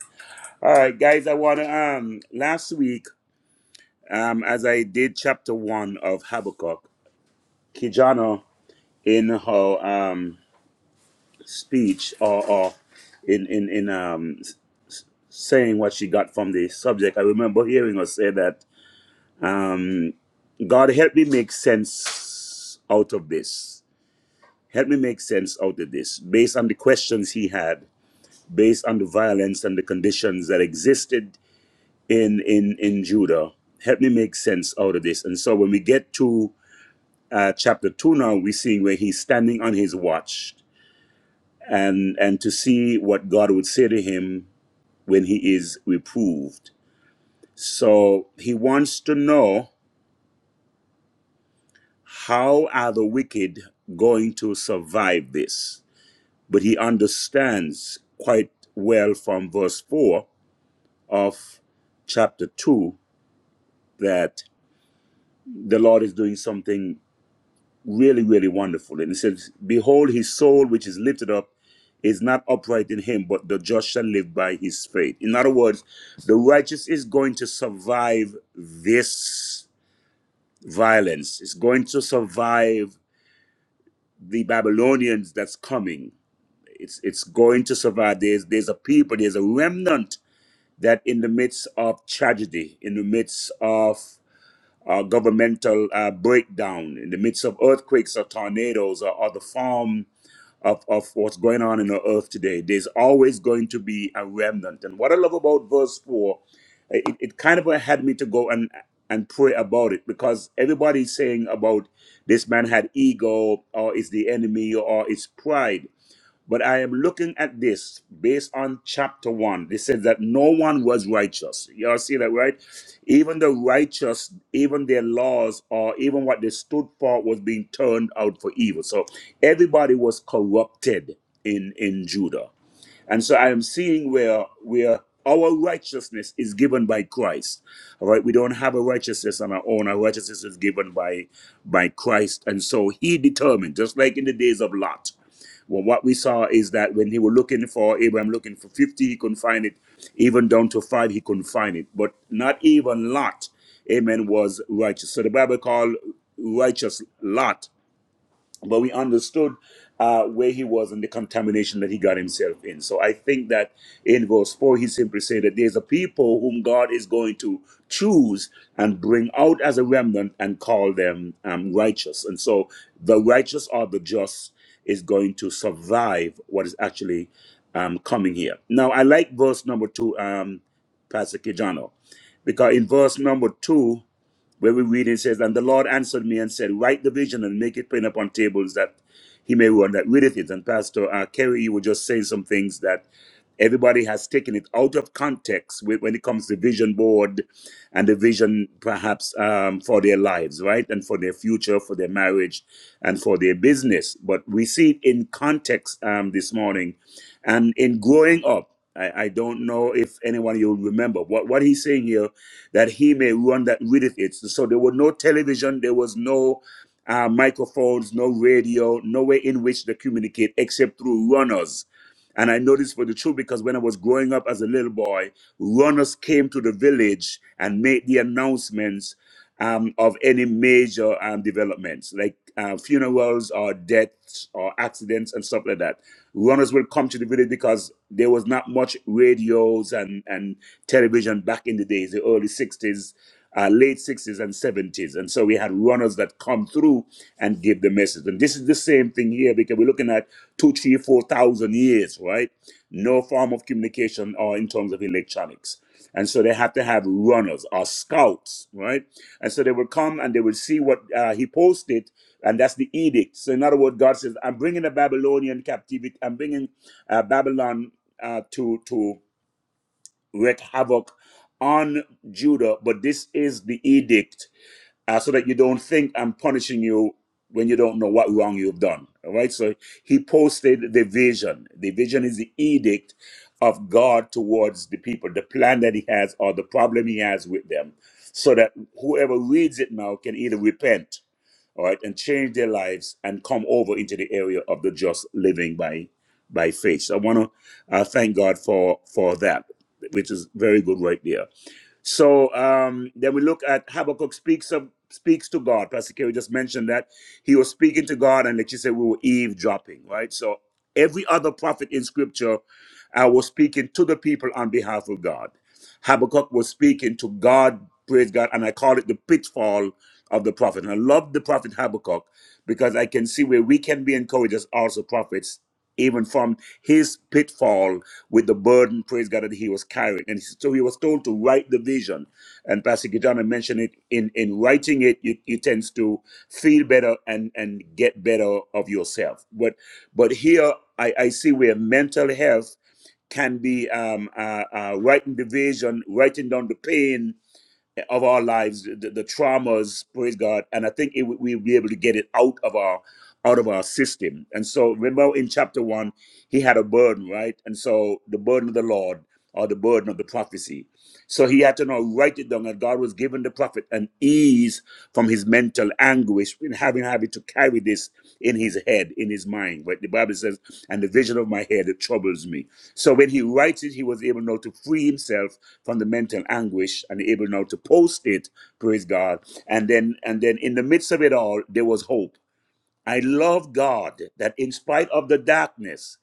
All right, guys, I want to, um, last week, um, as I did chapter one of Habakkuk, Kijano in her um, speech or, or in in in um, saying what she got from the subject, I remember hearing her say that um, God help me make sense out of this. Help me make sense out of this, based on the questions he had, based on the violence and the conditions that existed in in in Judah. Help me make sense out of this. And so when we get to uh, chapter two now, we're seeing where he's standing on his watch and and to see what God would say to him when he is reproved. So he wants to know how are the wicked going to survive this? But he understands quite well from verse 4 of chapter 2 that the Lord is doing something really, really wonderful. And it says, Behold, his soul, which is lifted up, is not upright in him, but the just shall live by his faith. In other words, the righteous is going to survive this violence, it's going to survive the Babylonians that's coming. It's, it's going to survive. There's, there's a people, there's a remnant that in the midst of tragedy, in the midst of uh, governmental uh, breakdown, in the midst of earthquakes or tornadoes or other forms of, of what's going on in the earth today. There's always going to be a remnant. And what I love about verse 4, uh, it, it kind of had me to go and and pray about it because everybody's saying about this man had ego or it's the enemy or it's pride. But I am looking at this based on chapter one. It says that no one was righteous. Y'all see that, right? Even the righteous, even their laws or even what they stood for was being turned out for evil. So everybody was corrupted in, in Judah. And so I am seeing where where our righteousness is given by Christ. All right, we don't have a righteousness on our own. Our righteousness is given by by Christ. And so he determined, just like in the days of Lot. Well, what we saw is that when he were looking for Abraham looking for 50, he couldn't find it. Even down to five, he couldn't find it. But not even Lot, amen, was righteous. So the Bible called righteous Lot but we understood uh, where he was and the contamination that he got himself in. So I think that in verse 4, he simply said that there's a people whom God is going to choose and bring out as a remnant and call them um, righteous. And so the righteous or the just is going to survive what is actually um, coming here. Now, I like verse number 2, um, Pastor Kijano, because in verse number 2, where we read it says, And the Lord answered me and said, Write the vision and make it plain upon tables that he may run that readeth it. And Pastor uh, Kerry, you were just saying some things that Everybody has taken it out of context with, when it comes to vision board and the vision perhaps um, for their lives, right? And for their future, for their marriage, and for their business. But we see it in context um, this morning. And in growing up, I, I don't know if anyone you'll remember what, what he's saying here that he may run that readeth it. So there were no television, there was no uh, microphones, no radio, no way in which they communicate except through runners and I know this for the truth because when I was growing up as a little boy, runners came to the village and made the announcements um, of any major um, developments, like uh, funerals or deaths or accidents and stuff like that. Runners will come to the village because there was not much radios and, and television back in the days, the early 60s uh, late 60s and 70s. And so we had runners that come through and give the message. And this is the same thing here because we're looking at two, three, four thousand years, right? No form of communication or in terms of electronics. And so they have to have runners or scouts, right? And so they will come and they will see what uh, he posted, and that's the edict. So, in other words, God says, I'm bringing the Babylonian captivity, I'm bringing uh, Babylon uh, to, to wreak havoc on Judah, but this is the edict uh, so that you don't think I'm punishing you when you don't know what wrong you've done. All right. So he posted the vision. The vision is the edict of God towards the people, the plan that he has or the problem he has with them, so that whoever reads it now can either repent, all right, and change their lives and come over into the area of the just living by by faith. So I want to uh, thank God for for that, which is very good right there. So um, then we look at Habakkuk speaks of speaks to God. Pastor Kerry just mentioned that he was speaking to God, and like you said, we were eavesdropping, right? So every other prophet in Scripture uh, was speaking to the people on behalf of God. Habakkuk was speaking to God, praise God, and I call it the pitfall of the prophet. And I love the prophet Habakkuk because I can see where we can be encouraged as also prophets, even from his pitfall with the burden, praise God, that he was carrying. And so he was told to write the vision. And Pastor Gitana mentioned it in, in writing it, You it tends to feel better and, and get better of yourself. But but here I, I see where mental health can be um, uh, uh, writing the vision, writing down the pain, of our lives, the, the traumas, praise God, and I think it, we'll be able to get it out of our out of our system. And so, remember in chapter one, he had a burden, right? And so, the burden of the Lord or the burden of the prophecy. So he had to now write it down, and God was giving the prophet an ease from his mental anguish in having having to carry this in his head, in his mind. Right? The Bible says, "And the vision of my head it troubles me." So when he writes it, he was able now to free himself from the mental anguish and able now to post it, praise God. And then and then in the midst of it all, there was hope. I love God that in spite of the darkness,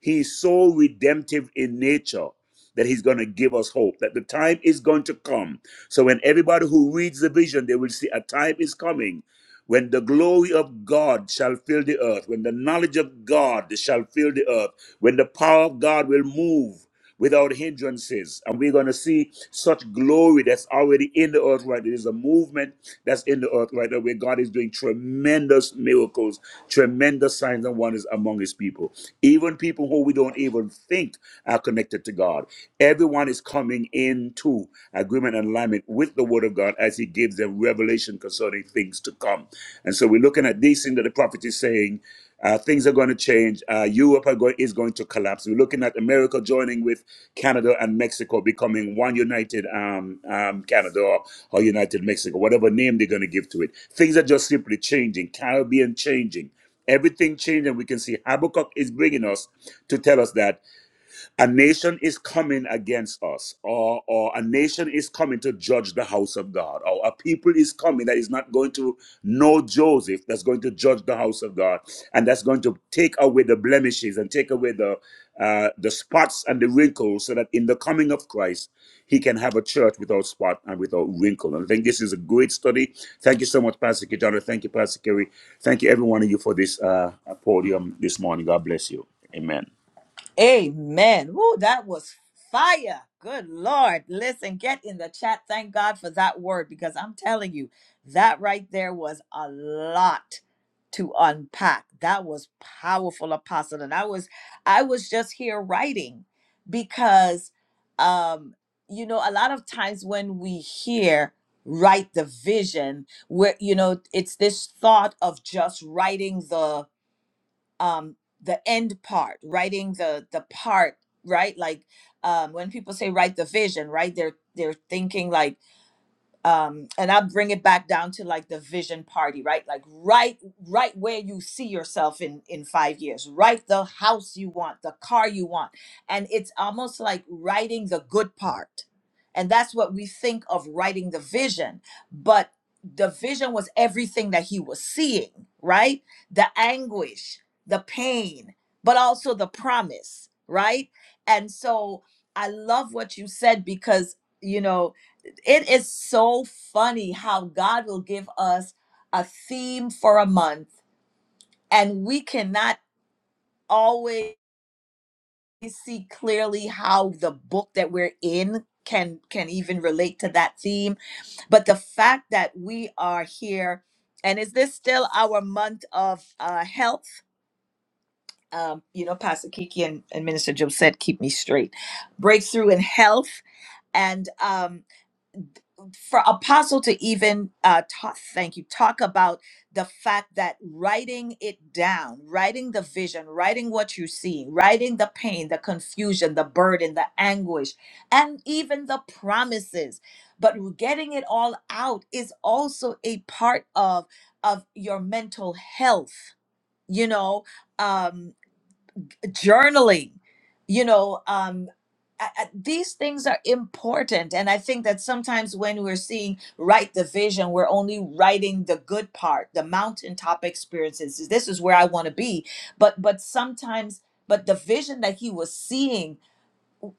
He's so redemptive in nature that he's going to give us hope that the time is going to come. So when everybody who reads the vision, they will see a time is coming when the glory of God shall fill the earth, when the knowledge of God shall fill the earth, when the power of God will move without hindrances. And we're going to see such glory that's already in the earth right. there is a movement that's in the earth right now where God is doing tremendous miracles, tremendous signs and wonders among his people. Even people who we don't even think are connected to God. Everyone is coming into agreement and alignment with the word of God as he gives them revelation concerning things to come. And so we're looking at these things that the prophet is saying. Uh, things are going to change. Uh, Europe are going, is going to collapse. We're looking at America joining with Canada and Mexico, becoming one united um, um, Canada or, or united Mexico, whatever name they're going to give to it. Things are just simply changing. Caribbean changing. Everything changing. We can see Habakkuk is bringing us to tell us that a nation is coming against us, or, or a nation is coming to judge the house of God, or a people is coming that is not going to know Joseph, that's going to judge the house of God, and that's going to take away the blemishes and take away the uh, the spots and the wrinkles, so that in the coming of Christ, He can have a church without spot and without wrinkle. And I think this is a great study. Thank you so much, Pastor Kijana. Thank you, Pastor Kerry. Thank you, every one of you, for this uh, podium this morning. God bless you. Amen. Amen. Woo, that was fire. Good Lord. Listen, get in the chat. Thank God for that word because I'm telling you, that right there was a lot to unpack. That was powerful, apostle. And I was I was just here writing because um, you know, a lot of times when we hear write the vision, where you know, it's this thought of just writing the um the end part writing the the part right like um when people say write the vision right they're they're thinking like um and i bring it back down to like the vision party right like right right where you see yourself in in 5 years right the house you want the car you want and it's almost like writing the good part and that's what we think of writing the vision but the vision was everything that he was seeing right the anguish the pain but also the promise right and so i love what you said because you know it is so funny how God will give us a theme for a month, and we cannot always see clearly how the book that we're in can can even relate to that theme but the fact that we are here and is this still our month of uh, health um, you know pastor kiki and, and minister joe said keep me straight breakthrough in health and um, for apostle to even uh talk, thank you talk about the fact that writing it down writing the vision writing what you see writing the pain the confusion the burden the anguish and even the promises but getting it all out is also a part of of your mental health you know um, journaling you know um I, I- these things are important and i think that sometimes when we're seeing write the vision we're only writing the good part the mountaintop experiences this is where i want to be but but sometimes but the vision that he was seeing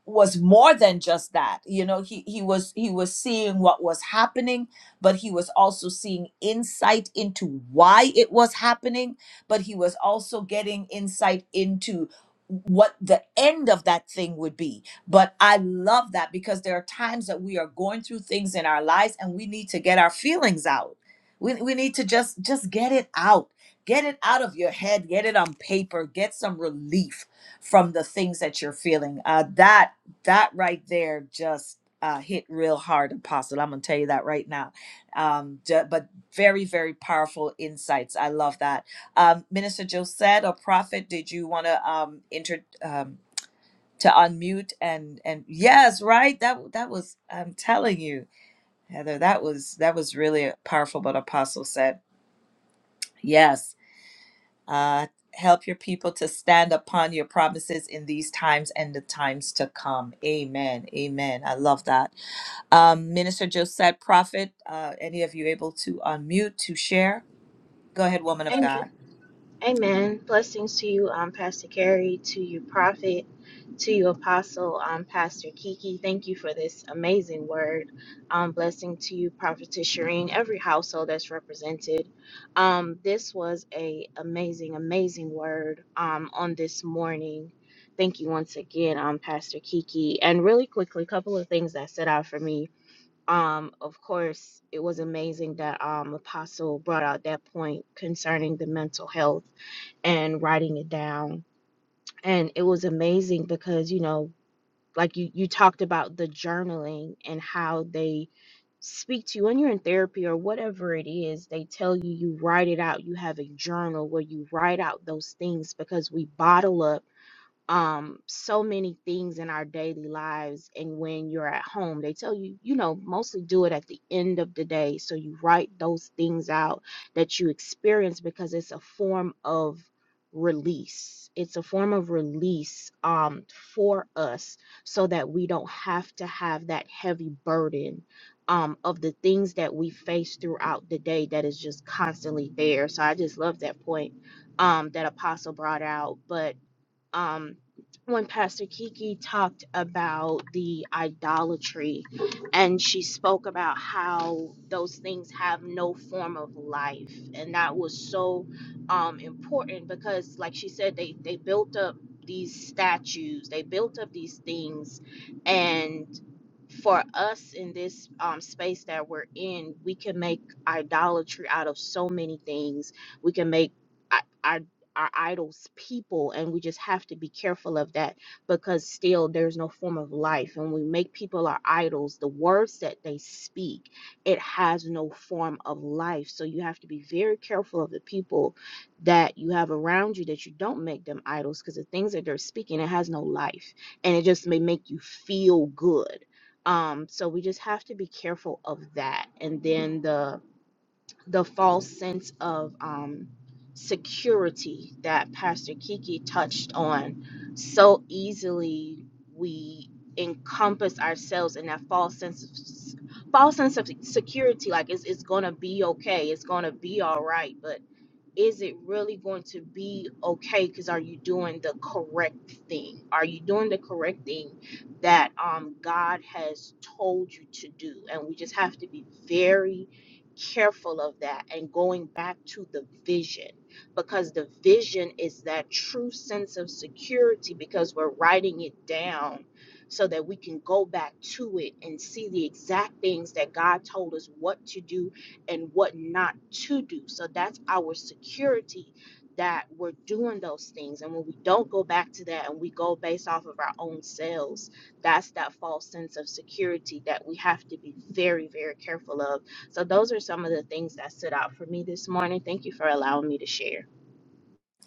was more than just that you know he he was he was seeing what was happening but he was also seeing insight into why it was happening but he was also getting insight into what the end of that thing would be but i love that because there are times that we are going through things in our lives and we need to get our feelings out we, we need to just just get it out get it out of your head get it on paper get some relief from the things that you're feeling. Uh, that that right there just uh, hit real hard, Apostle. I'm gonna tell you that right now. Um, ju- but very very powerful insights. I love that, um, Minister Josette, a prophet. Did you want to um, inter um, to unmute and and yes, right? That that was I'm telling you, Heather. That was that was really powerful. What Apostle said. Yes uh, help your people to stand upon your promises in these times and the times to come. Amen. Amen. I love that. Um, Minister Josette, Prophet, uh, any of you able to unmute to share? Go ahead, woman of Amen. God. Amen. Blessings to you, um, Pastor Carrie, to you, Prophet, to you, Apostle, um, Pastor Kiki. Thank you for this amazing word. Um, blessing to you, Prophetess Shireen, every household that's represented. Um, this was a amazing, amazing word um, on this morning. Thank you once again, um, Pastor Kiki. And really quickly, a couple of things that stood out for me um of course it was amazing that um apostle brought out that point concerning the mental health and writing it down and it was amazing because you know like you you talked about the journaling and how they speak to you when you're in therapy or whatever it is they tell you you write it out you have a journal where you write out those things because we bottle up um so many things in our daily lives and when you're at home they tell you you know mostly do it at the end of the day so you write those things out that you experience because it's a form of release it's a form of release um for us so that we don't have to have that heavy burden um of the things that we face throughout the day that is just constantly there so i just love that point um that apostle brought out but um, when Pastor Kiki talked about the idolatry and she spoke about how those things have no form of life. And that was so um, important because, like she said, they, they built up these statues, they built up these things. And for us in this um, space that we're in, we can make idolatry out of so many things. We can make I our idols people and we just have to be careful of that because still there's no form of life and we make people our idols the words that they speak it has no form of life so you have to be very careful of the people that you have around you that you don't make them idols because the things that they're speaking it has no life and it just may make you feel good um so we just have to be careful of that and then the the false sense of um, security that Pastor Kiki touched on. So easily we encompass ourselves in that false sense of false sense of security, like it's it's gonna be okay, it's gonna be all right, but is it really going to be okay because are you doing the correct thing are you doing the correct thing that um god has told you to do and we just have to be very careful of that and going back to the vision because the vision is that true sense of security because we're writing it down so that we can go back to it and see the exact things that God told us what to do and what not to do. So that's our security that we're doing those things. And when we don't go back to that and we go based off of our own selves, that's that false sense of security that we have to be very, very careful of. So those are some of the things that stood out for me this morning. Thank you for allowing me to share.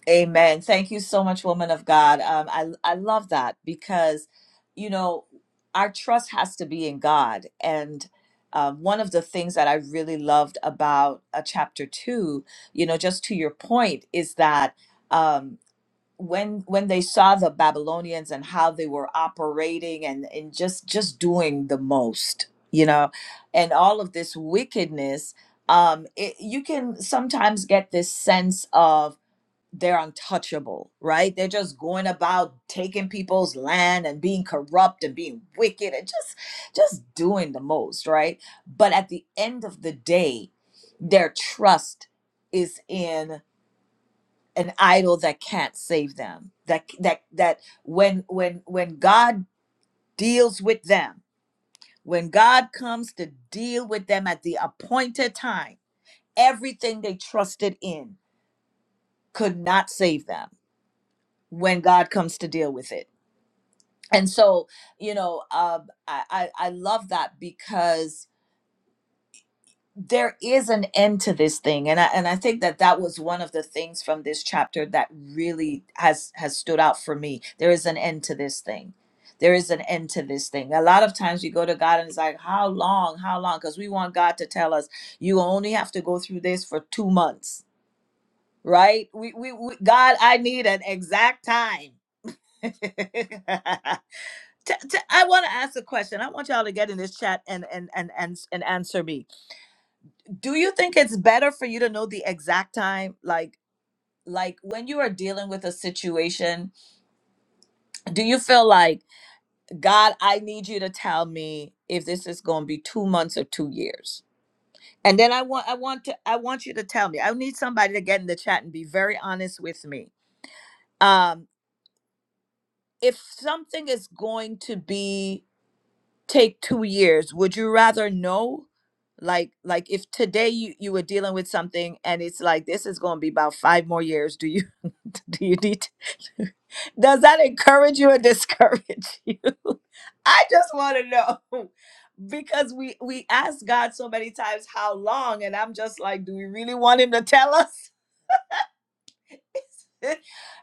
Amen. Thank you so much, woman of God. Um, I I love that because, you know, our trust has to be in God, and um, one of the things that I really loved about a chapter two, you know, just to your point, is that. Um, when when they saw the babylonians and how they were operating and and just just doing the most you know and all of this wickedness um it, you can sometimes get this sense of they're untouchable right they're just going about taking people's land and being corrupt and being wicked and just just doing the most right but at the end of the day their trust is in an idol that can't save them that that that when when when god deals with them when god comes to deal with them at the appointed time everything they trusted in could not save them when god comes to deal with it and so you know um, I, I i love that because there is an end to this thing and I, and I think that that was one of the things from this chapter that really has has stood out for me there is an end to this thing there is an end to this thing a lot of times we go to god and it's like how long how long because we want god to tell us you only have to go through this for two months right we, we, we god i need an exact time T- t- I want to ask a question i want y'all to get in this chat and and and and, and answer me do you think it's better for you to know the exact time like like when you are dealing with a situation do you feel like god i need you to tell me if this is going to be 2 months or 2 years and then i want i want to i want you to tell me i need somebody to get in the chat and be very honest with me um if something is going to be take two years would you rather know like like if today you you were dealing with something and it's like this is going to be about five more years do you do you need to, does that encourage you or discourage you i just want to know because we we ask god so many times how long and i'm just like do we really want him to tell us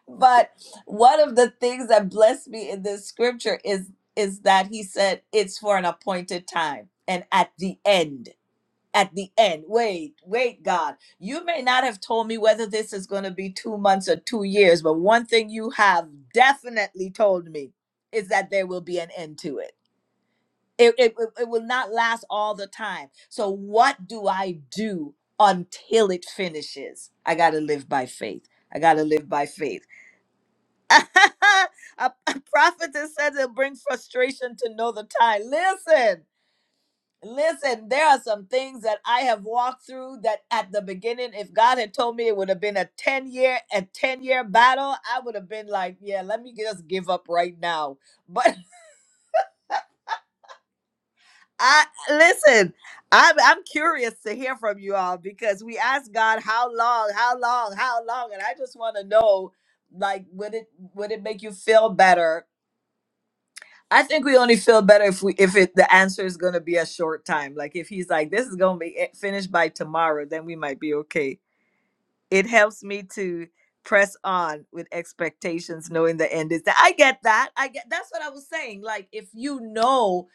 but one of the things that blessed me in this scripture is is that he said it's for an appointed time and at the end at the end wait wait god you may not have told me whether this is going to be 2 months or 2 years but one thing you have definitely told me is that there will be an end to it it, it, it it will not last all the time so what do i do until it finishes i got to live by faith I got to live by faith. a, a prophet that says it brings frustration to know the time. Listen, listen, there are some things that I have walked through that at the beginning, if God had told me it would have been a 10 year, a 10 year battle, I would have been like, yeah, let me just give up right now. But I listen, I'm I'm curious to hear from you all because we asked God how long, how long, how long, and I just want to know like would it would it make you feel better I think we only feel better if we if it the answer is gonna be a short time. Like if he's like this is gonna be it- finished by tomorrow, then we might be okay it helps me to press on with expectations knowing the end is that i get that i get that's what i was saying like if you know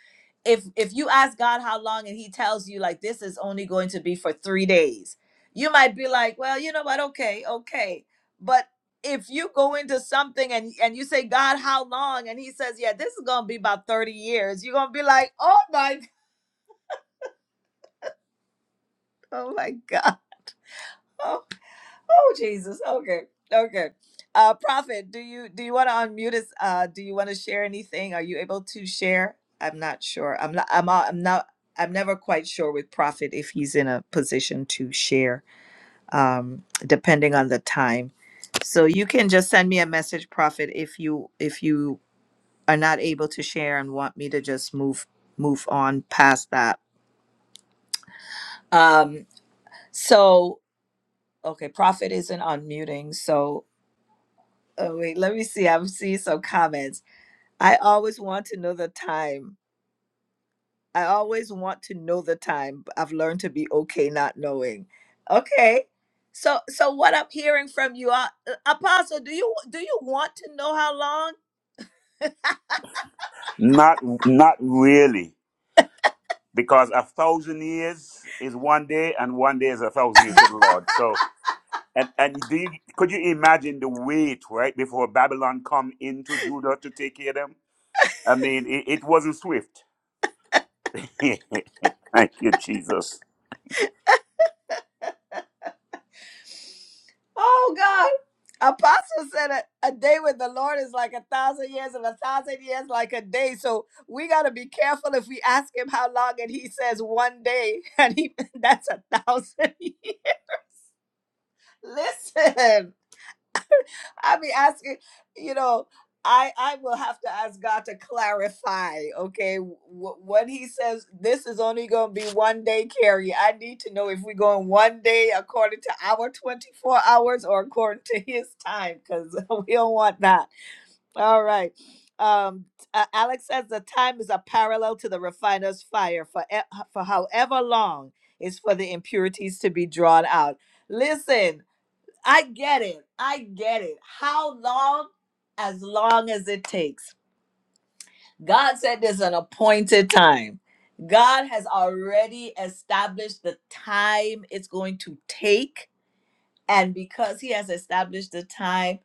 if if you ask god how long and he tells you like this is only going to be for three days you might be like well you know what okay okay but if you go into something and and you say god how long and he says yeah this is gonna be about 30 years you're gonna be like oh my oh my god Oh Jesus. Okay. Okay. Uh Prophet, do you do you want to unmute us? Uh do you want to share anything? Are you able to share? I'm not sure. I'm not I'm not- I'm not I'm never quite sure with Prophet if he's in a position to share, um, depending on the time. So you can just send me a message, Prophet, if you if you are not able to share and want me to just move move on past that. Um, so okay, Prophet isn't unmuting, so Oh, wait, let me see. I'm seeing some comments. I always want to know the time. I always want to know the time. but I've learned to be okay not knowing. Okay. So so what I'm hearing from you, uh, uh, Apostle, do you do you want to know how long? Not not really, because a thousand years is one day, and one day is a thousand years to the Lord. So, and and do you, could you imagine the wait right before Babylon come into Judah to take care of them? I mean, it, it wasn't swift. Thank you, Jesus. Oh God. Apostle said a, a day with the Lord is like a thousand years and a thousand years like a day. So we gotta be careful if we ask him how long and he says one day and he that's a thousand. Listen. I be asking, you know, I I will have to ask God to clarify, okay, wh- what He says. This is only going to be one day Carrie, I need to know if we're going one day according to our twenty four hours or according to His time, because we don't want that. All right. Um, uh, Alex says the time is a parallel to the refiner's fire for e- for however long is for the impurities to be drawn out. Listen, I get it. I get it. How long? As long as it takes. God said there's an appointed time. God has already established the time it's going to take. And because He has established the time,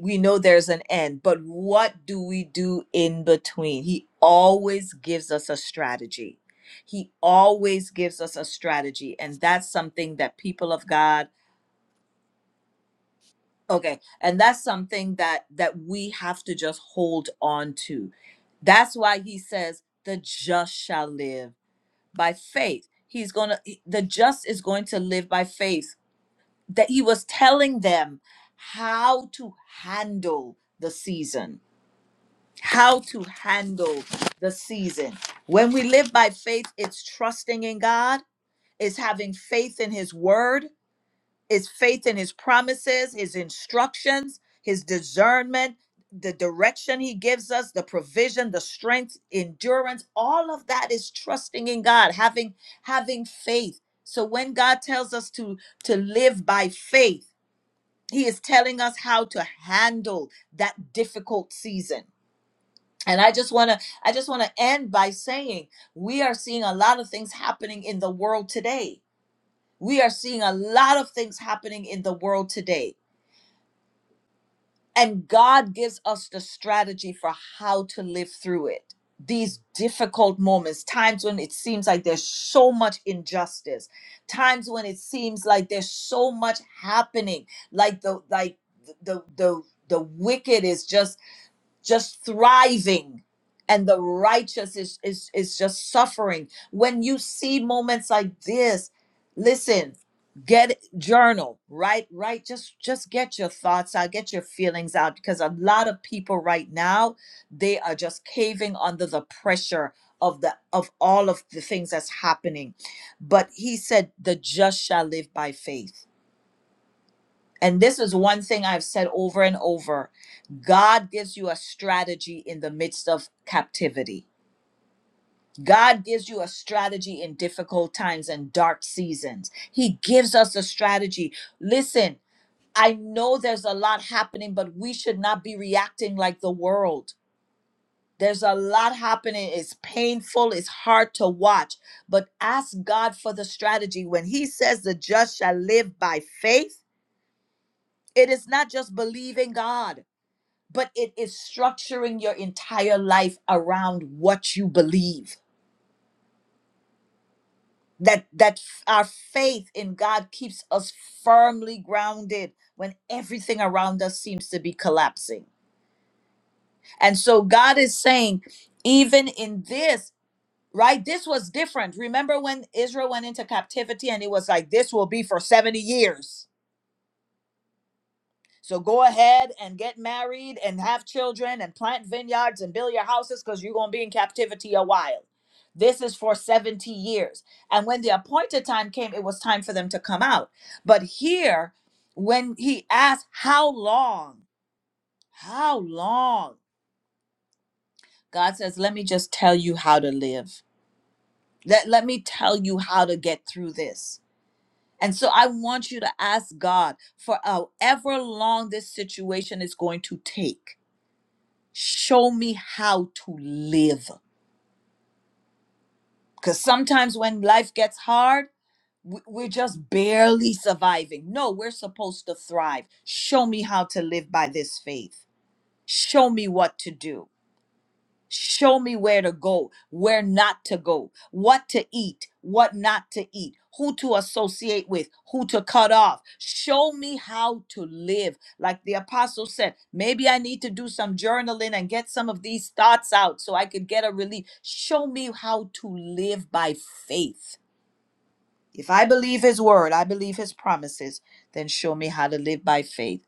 we know there's an end. But what do we do in between? He always gives us a strategy. He always gives us a strategy. And that's something that people of God Okay, and that's something that that we have to just hold on to. That's why he says the just shall live by faith. He's going to the just is going to live by faith. That he was telling them how to handle the season. How to handle the season. When we live by faith, it's trusting in God, it's having faith in his word, is faith in his promises, his instructions, his discernment, the direction he gives us, the provision, the strength, endurance, all of that is trusting in God, having having faith. So when God tells us to to live by faith, he is telling us how to handle that difficult season. And I just want to I just want to end by saying we are seeing a lot of things happening in the world today. We are seeing a lot of things happening in the world today And God gives us the strategy for how to live through it. These difficult moments, times when it seems like there's so much injustice, times when it seems like there's so much happening, like the like the the the, wicked is just just thriving and the righteous is, is is just suffering when you see moments like this listen get journal right right just just get your thoughts out get your feelings out because a lot of people right now they are just caving under the pressure of the of all of the things that's happening but he said the just shall live by faith and this is one thing I've said over and over God gives you a strategy in the midst of captivity. God gives you a strategy in difficult times and dark seasons. He gives us a strategy. Listen, I know there's a lot happening, but we should not be reacting like the world. There's a lot happening. It's painful. It's hard to watch. But ask God for the strategy. When He says the just shall live by faith, it is not just believing God but it is structuring your entire life around what you believe that that f- our faith in god keeps us firmly grounded when everything around us seems to be collapsing and so god is saying even in this right this was different remember when israel went into captivity and it was like this will be for 70 years So go ahead and get married and have children and plant vineyards and build your houses because you're going to be in captivity a while. This is for 70 years. And when the appointed time came, it was time for them to come out. But here, when he asked, How long? How long? God says, Let me just tell you how to live. Let, let me tell you how to get through this. And so I want you to ask God for however long this situation is going to take show me how to live because sometimes when life gets hard w- we're just barely surviving no we're supposed to thrive show me how to live by this faith show me what to do Show me where to go, where not to go, what to eat, what not to eat, who to associate with, who to cut off. Show me how to live. Like the apostle said, maybe I need to do some journaling and get some of these thoughts out so I could get a relief. Show me how to live by faith. If I believe his word, I believe his promises, then show me how to live by faith.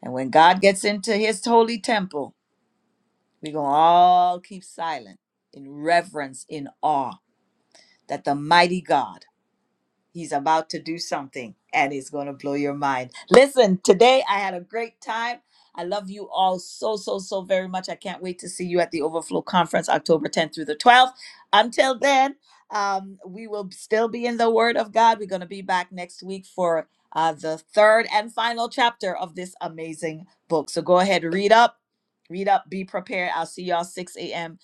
And when God gets into his holy temple, we're going to all keep silent in reverence, in awe that the mighty God He's about to do something and it's going to blow your mind. Listen, today I had a great time. I love you all so, so, so very much. I can't wait to see you at the Overflow Conference, October 10th through the 12th. Until then, um, we will still be in the Word of God. We're going to be back next week for uh, the third and final chapter of this amazing book. So go ahead, read up, read up, be prepared. I'll see y'all 6 a.m.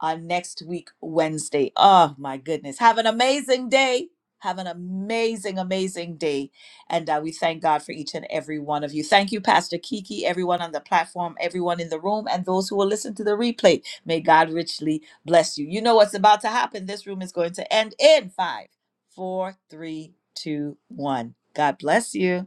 on next week, Wednesday. Oh, my goodness. Have an amazing day. Have an amazing, amazing day. And uh, we thank God for each and every one of you. Thank you, Pastor Kiki, everyone on the platform, everyone in the room, and those who will listen to the replay. May God richly bless you. You know what's about to happen. This room is going to end in five, four, three, two, one. God bless you.